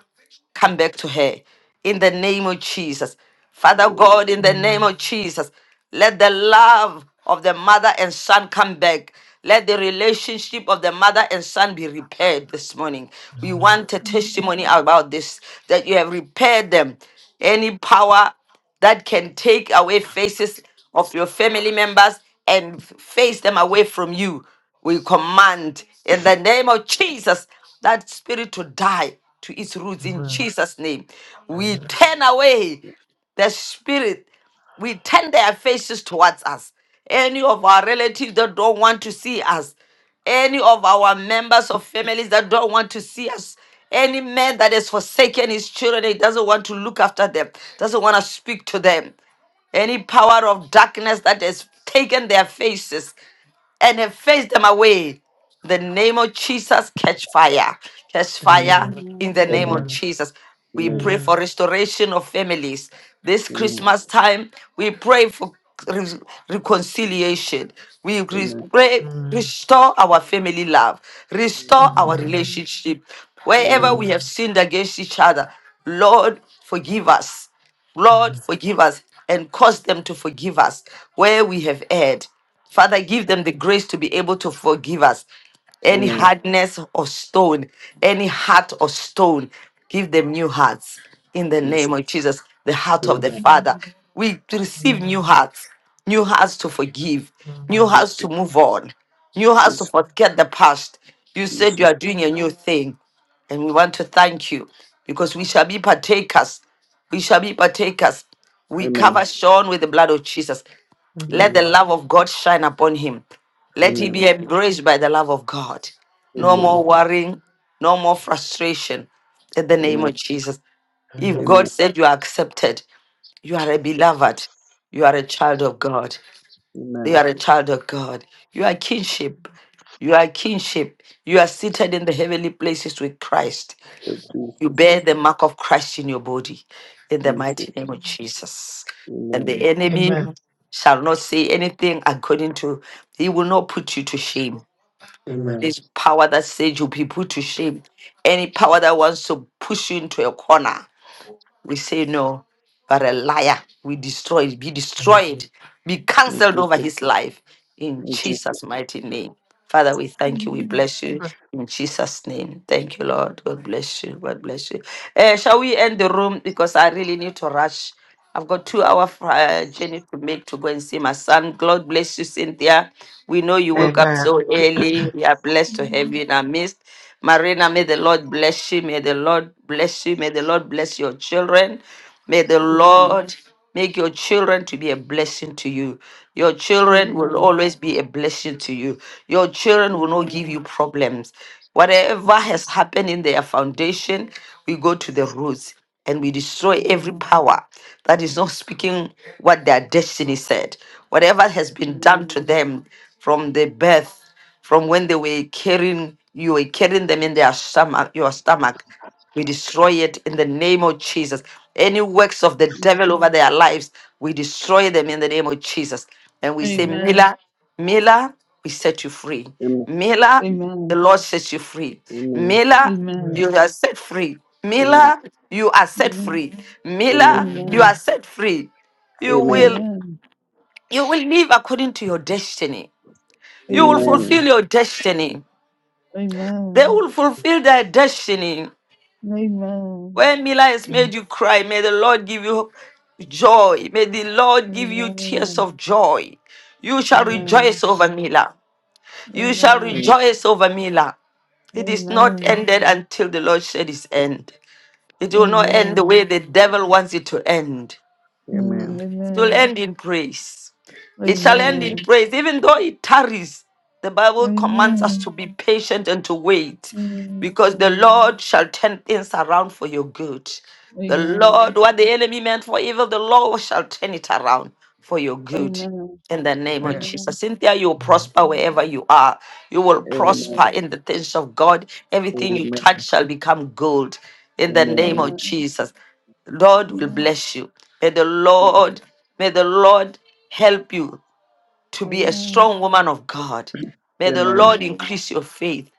S1: come back to her in the name of Jesus. Father God, in the name of Jesus, let the love of the mother and son come back. Let the relationship of the mother and son be repaired this morning. We want a
S5: pray
S1: testimony about this that you have repaired them. Any power that can take away faces of your family members and face them away from you. We command in the name of Jesus that spirit to die to its roots in
S2: Amen.
S1: Jesus' name. We
S2: Amen. Amen. Amen. Amen.
S1: turn away the spirit we turn their faces towards us. Any of our relatives that don't want to see us, any of our members of families that don't want to see us, any man that has forsaken his children, he doesn't want to look after them, doesn't want to speak to them. Any power of darkness that has taken their faces, and efface them away. The name of Jesus, catch fire. Catch
S2: Amen.
S3: Amen.
S1: fire
S2: Amen.
S1: in the
S5: for
S1: name of
S3: Amen.
S1: Jesus. We
S3: Amen.
S1: pray for restoration of families. This
S3: Amen.
S1: Christmas time, we pray for re- reconciliation. We re-
S3: Amen.
S1: pray, restore our family love, restore
S3: Amen.
S1: our
S5: now.
S1: relationship.
S3: Amen.
S1: Wherever we have sinned against each other, Lord, forgive us.
S2: Amen. Amen. Amen. Amen. Amen. Amen. Amen. Amen. Amen. Amen. Amen. Amen.
S1: Lord, forgive us and cause them to forgive us where we have erred. Father, give them the grace to be able to forgive us. Any
S3: Amen.
S1: hardness of stone, any heart of stone, give them new hearts. In the
S3: Yes.
S1: name of Jesus, the heart of the
S3: Amen.
S1: Father. We receive new
S2: Amen.
S1: hearts, new hearts to forgive, new hearts to move on, new hearts to
S3: Jesus,
S1: forget the past. You said you
S3: Jesus.
S1: are
S5: I pray for
S1: doing a
S5: now.
S1: new thing, and we want to thank you because we shall be partakers we shall be partakers. We cover
S3: Amen.
S1: Sean with the blood of Jesus. Let
S3: Amen.
S1: the love
S5: Amen.
S1: of God shine upon him. Let he
S3: Amen.
S1: be
S5: Amen.
S1: embraced by the love of God. No more
S3: Amen.
S5: Amen.
S1: worrying, no more frustration. In the name
S3: Amen.
S1: of Jesus. If God
S3: Amen.
S1: said you are accepted, you are a beloved, you are a child of God, you
S3: Amen.
S1: are a child of God, you are kinship, you are kinship, you are seated in the heavenly places with Christ. You
S3: Jesus,
S1: bear the
S5: Amen.
S1: mark of Christ in your body, in the
S3: Jesus.
S1: mighty name of Jesus. And the
S3: Amen.
S1: enemy shall not say anything according to, he will not put you to shame.
S3: Amen.
S1: This power that says you'll be put to shame, any power that wants to push you into a corner, we say no, but a liar, we destroy it, be
S2: Amen.
S1: destroyed, be
S3: In
S1: cancelled over
S3: Jesus,
S1: his life in
S3: in Jesus.
S1: Jesus' mighty name. Father, we thank you, we
S5: Amen.
S1: bless you
S2: Amen.
S1: in Jesus' name. Thank you, Lord. God bless you. God bless you. Eh, shall we end the room because I really need to rush? I've got two hour uh, journey to make to go and see my son. God bless you, Cynthia. We know you woke up
S2: Amen.
S1: so early. We are blessed to have you in our midst. Marina, may the Lord bless you. May the Lord bless you. May the Lord bless your children. May the Lord make your children to be a blessing to you. Your children will
S5: Amen. Amen.
S1: always be a blessing to you. Your children will not give
S5: Amen.
S1: you problems. Whatever has happened in their foundation, we go to the roots and we destroy every power that is not speaking what their destiny said. Whatever has been done to
S5: Amen.
S1: them from their birth, from when they were carrying you were carrying them in their stomach, your stomach, we destroy it in the name of Jesus. Any works of the devil over their lives, we destroy them in the name of Jesus. And we say,
S2: Amen.
S1: Mila, Mila, we set you free.
S3: Amen.
S1: Mila,
S5: Amen.
S1: the
S5: Amen.
S1: Lord sets you free.
S3: Amen.
S1: Mila,
S2: Right.
S1: you are set free.
S3: Amen.
S1: Mila, you are set free. Mila,
S2: And
S1: you are
S5: Amen. Amen.
S2: then-
S1: set free. You
S3: Amen.
S2: and
S1: will you will live according to your destiny. You will
S5: Amen.
S1: fulfill
S3: Amen.
S1: your destiny. They
S5: Amen.
S1: will fulfill their destiny. When Mila has made
S2: then-
S1: you cry, may the Lord give you joy. May the Lord give you tears of joy. You shall rejoice over Mila. You shall
S3: Amen.
S1: rejoice over Mila.
S5: Amen. Amen. Amen.
S1: It is not
S5: Amen.
S1: ended until the Lord said it's end. It will not end the way
S5: Amen.
S1: the devil wants it to end.
S5: Mm,
S3: Amen.
S1: It will
S5: Amen.
S1: end in praise. It shall end in
S3: Amen.
S5: Amen.
S1: praise, even though it tarries. The Bible commands us to
S5: Amen.
S1: be patient and to wait,
S5: Mm,
S1: because the
S5: mm,
S1: Lord shall turn things around for your good. The Lord,
S5: Amen.
S1: what the enemy meant for evil, the Lord shall turn it around for your good.
S5: Amen.
S1: In the name of
S5: Amen. Amen.
S1: Jesus. Cynthia, you will
S2: and then-
S1: prosper wherever you are. You will
S3: Amen.
S1: prosper
S5: Amen.
S1: in the things of God. Everything you
S3: Amen.
S1: touch shall become gold. In the name
S3: Amen.
S1: of
S5: Amen.
S1: Jesus. Lord will
S5: Amen.
S1: bless you. May the Lord, may the Lord help you to be a strong woman of God. May the
S3: Amen.
S1: Lord
S5: Amen. Amen.
S1: increase your faith.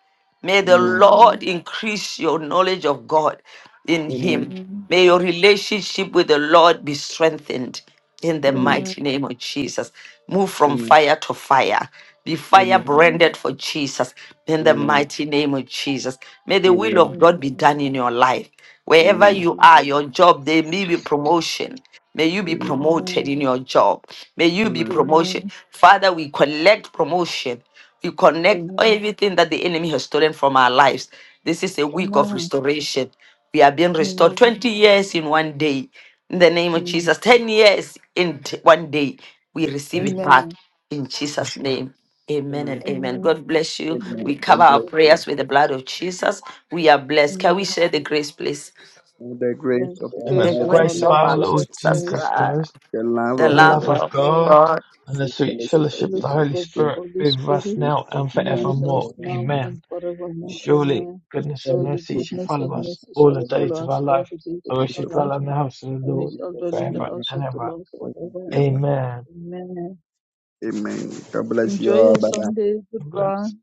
S1: May the
S3: Amen. Amen.
S1: Lord
S5: Amen. Amen.
S1: increase your knowledge of God in
S5: Amen.
S3: Amen.
S1: Him. May your relationship with the Lord be strengthened in the
S3: Amen.
S5: Amen.
S1: mighty name of Jesus. Move
S3: Amen.
S1: from
S3: Amen.
S1: fire to fire. Be fire
S3: Amen.
S1: branded for Jesus in the
S3: Amen.
S1: mighty name of Jesus. May the will
S3: Amen.
S1: of
S5: Amen.
S1: God be
S5: Amen.
S1: done in your life. Wherever
S3: Amen.
S1: you are, your job, there may be promotion. May you be
S3: Amen.
S1: promoted in your job. May you be
S3: Amen.
S5: Amen.
S1: promotion.
S5: Amen.
S1: Father, we collect promotion you connect
S5: Amen.
S1: everything that the enemy has stolen from our lives. This is a week of
S5: Amen.
S1: restoration. We are being restored
S5: Amen.
S1: 20 years in one day. In the name of
S5: Mm.
S1: Jesus, 10 years in t- one day. We receive it back
S5: Amen.
S1: in Jesus' name. Amen
S3: Amen.
S1: and amen.
S5: Amen.
S1: God bless you.
S5: Amen.
S3: Amen.
S1: We cover
S3: God
S1: our
S3: bless
S5: God bless
S3: you.
S1: prayers with the
S5: you.
S1: blood of Jesus. We are blessed. Can we
S5: Amen.
S1: share the grace, please?
S3: May the
S5: Amen.
S3: grace of our
S5: Grace
S1: The
S2: Amen. The
S5: of
S3: Lord
S5: our
S1: grace
S2: grace
S3: Jesus
S2: of
S1: of
S5: Lord
S3: Christ,
S2: our
S1: our Lord
S5: Jesus
S2: Lord
S1: Jesus
S5: Christ,
S2: Jesus
S1: Christ,
S2: Christ,
S3: the love
S1: the
S5: the
S3: of
S2: the
S5: love
S1: love
S2: love
S3: God,
S5: of
S3: the
S2: of
S1: of
S5: God.
S2: God,
S1: God.
S2: and the
S3: sweet
S2: sweet
S5: the
S3: fellowship of
S2: fellowship
S3: the
S2: of the
S5: fellowship
S3: Holy
S2: Holy
S5: of the
S3: Spirit,
S2: Spirit
S5: Holy
S2: be with us
S5: Spirit
S3: be with
S2: now
S3: us
S2: and
S5: be
S3: now
S5: with
S3: and
S2: forevermore.
S5: us now
S3: forevermore.
S2: Amen.
S5: and forevermore.
S2: Surely
S5: Amen.
S2: goodness and
S3: Holy
S5: Surely
S2: mercy shall
S3: goodness,
S5: goodness
S2: follow
S3: and
S5: and
S2: us
S5: mercy
S3: mercy,
S2: all
S5: shall
S2: the
S3: forever,
S2: days
S5: follow
S2: of
S5: us
S2: our
S5: all
S2: life,
S5: the days
S3: the
S2: and
S5: of
S2: we
S3: grace
S2: shall
S5: our
S3: of
S2: dwell
S3: our
S5: lives,
S2: in the
S3: life.
S2: house of the
S5: and we
S2: Lord
S3: We
S5: shall
S3: shall
S5: dwell in the
S3: dwell in
S2: forever
S3: the house
S5: house
S2: and
S5: of the
S2: ever.
S5: Lord
S3: of the Lord Jesus Christ, be with us now
S5: forever and
S3: and forever.
S2: Amen.
S5: ever. Amen.
S3: Amen. God bless you
S5: Enjoy
S3: all.
S5: your
S3: Bye bye.
S5: Sunday. Goodbye.
S2: Bless.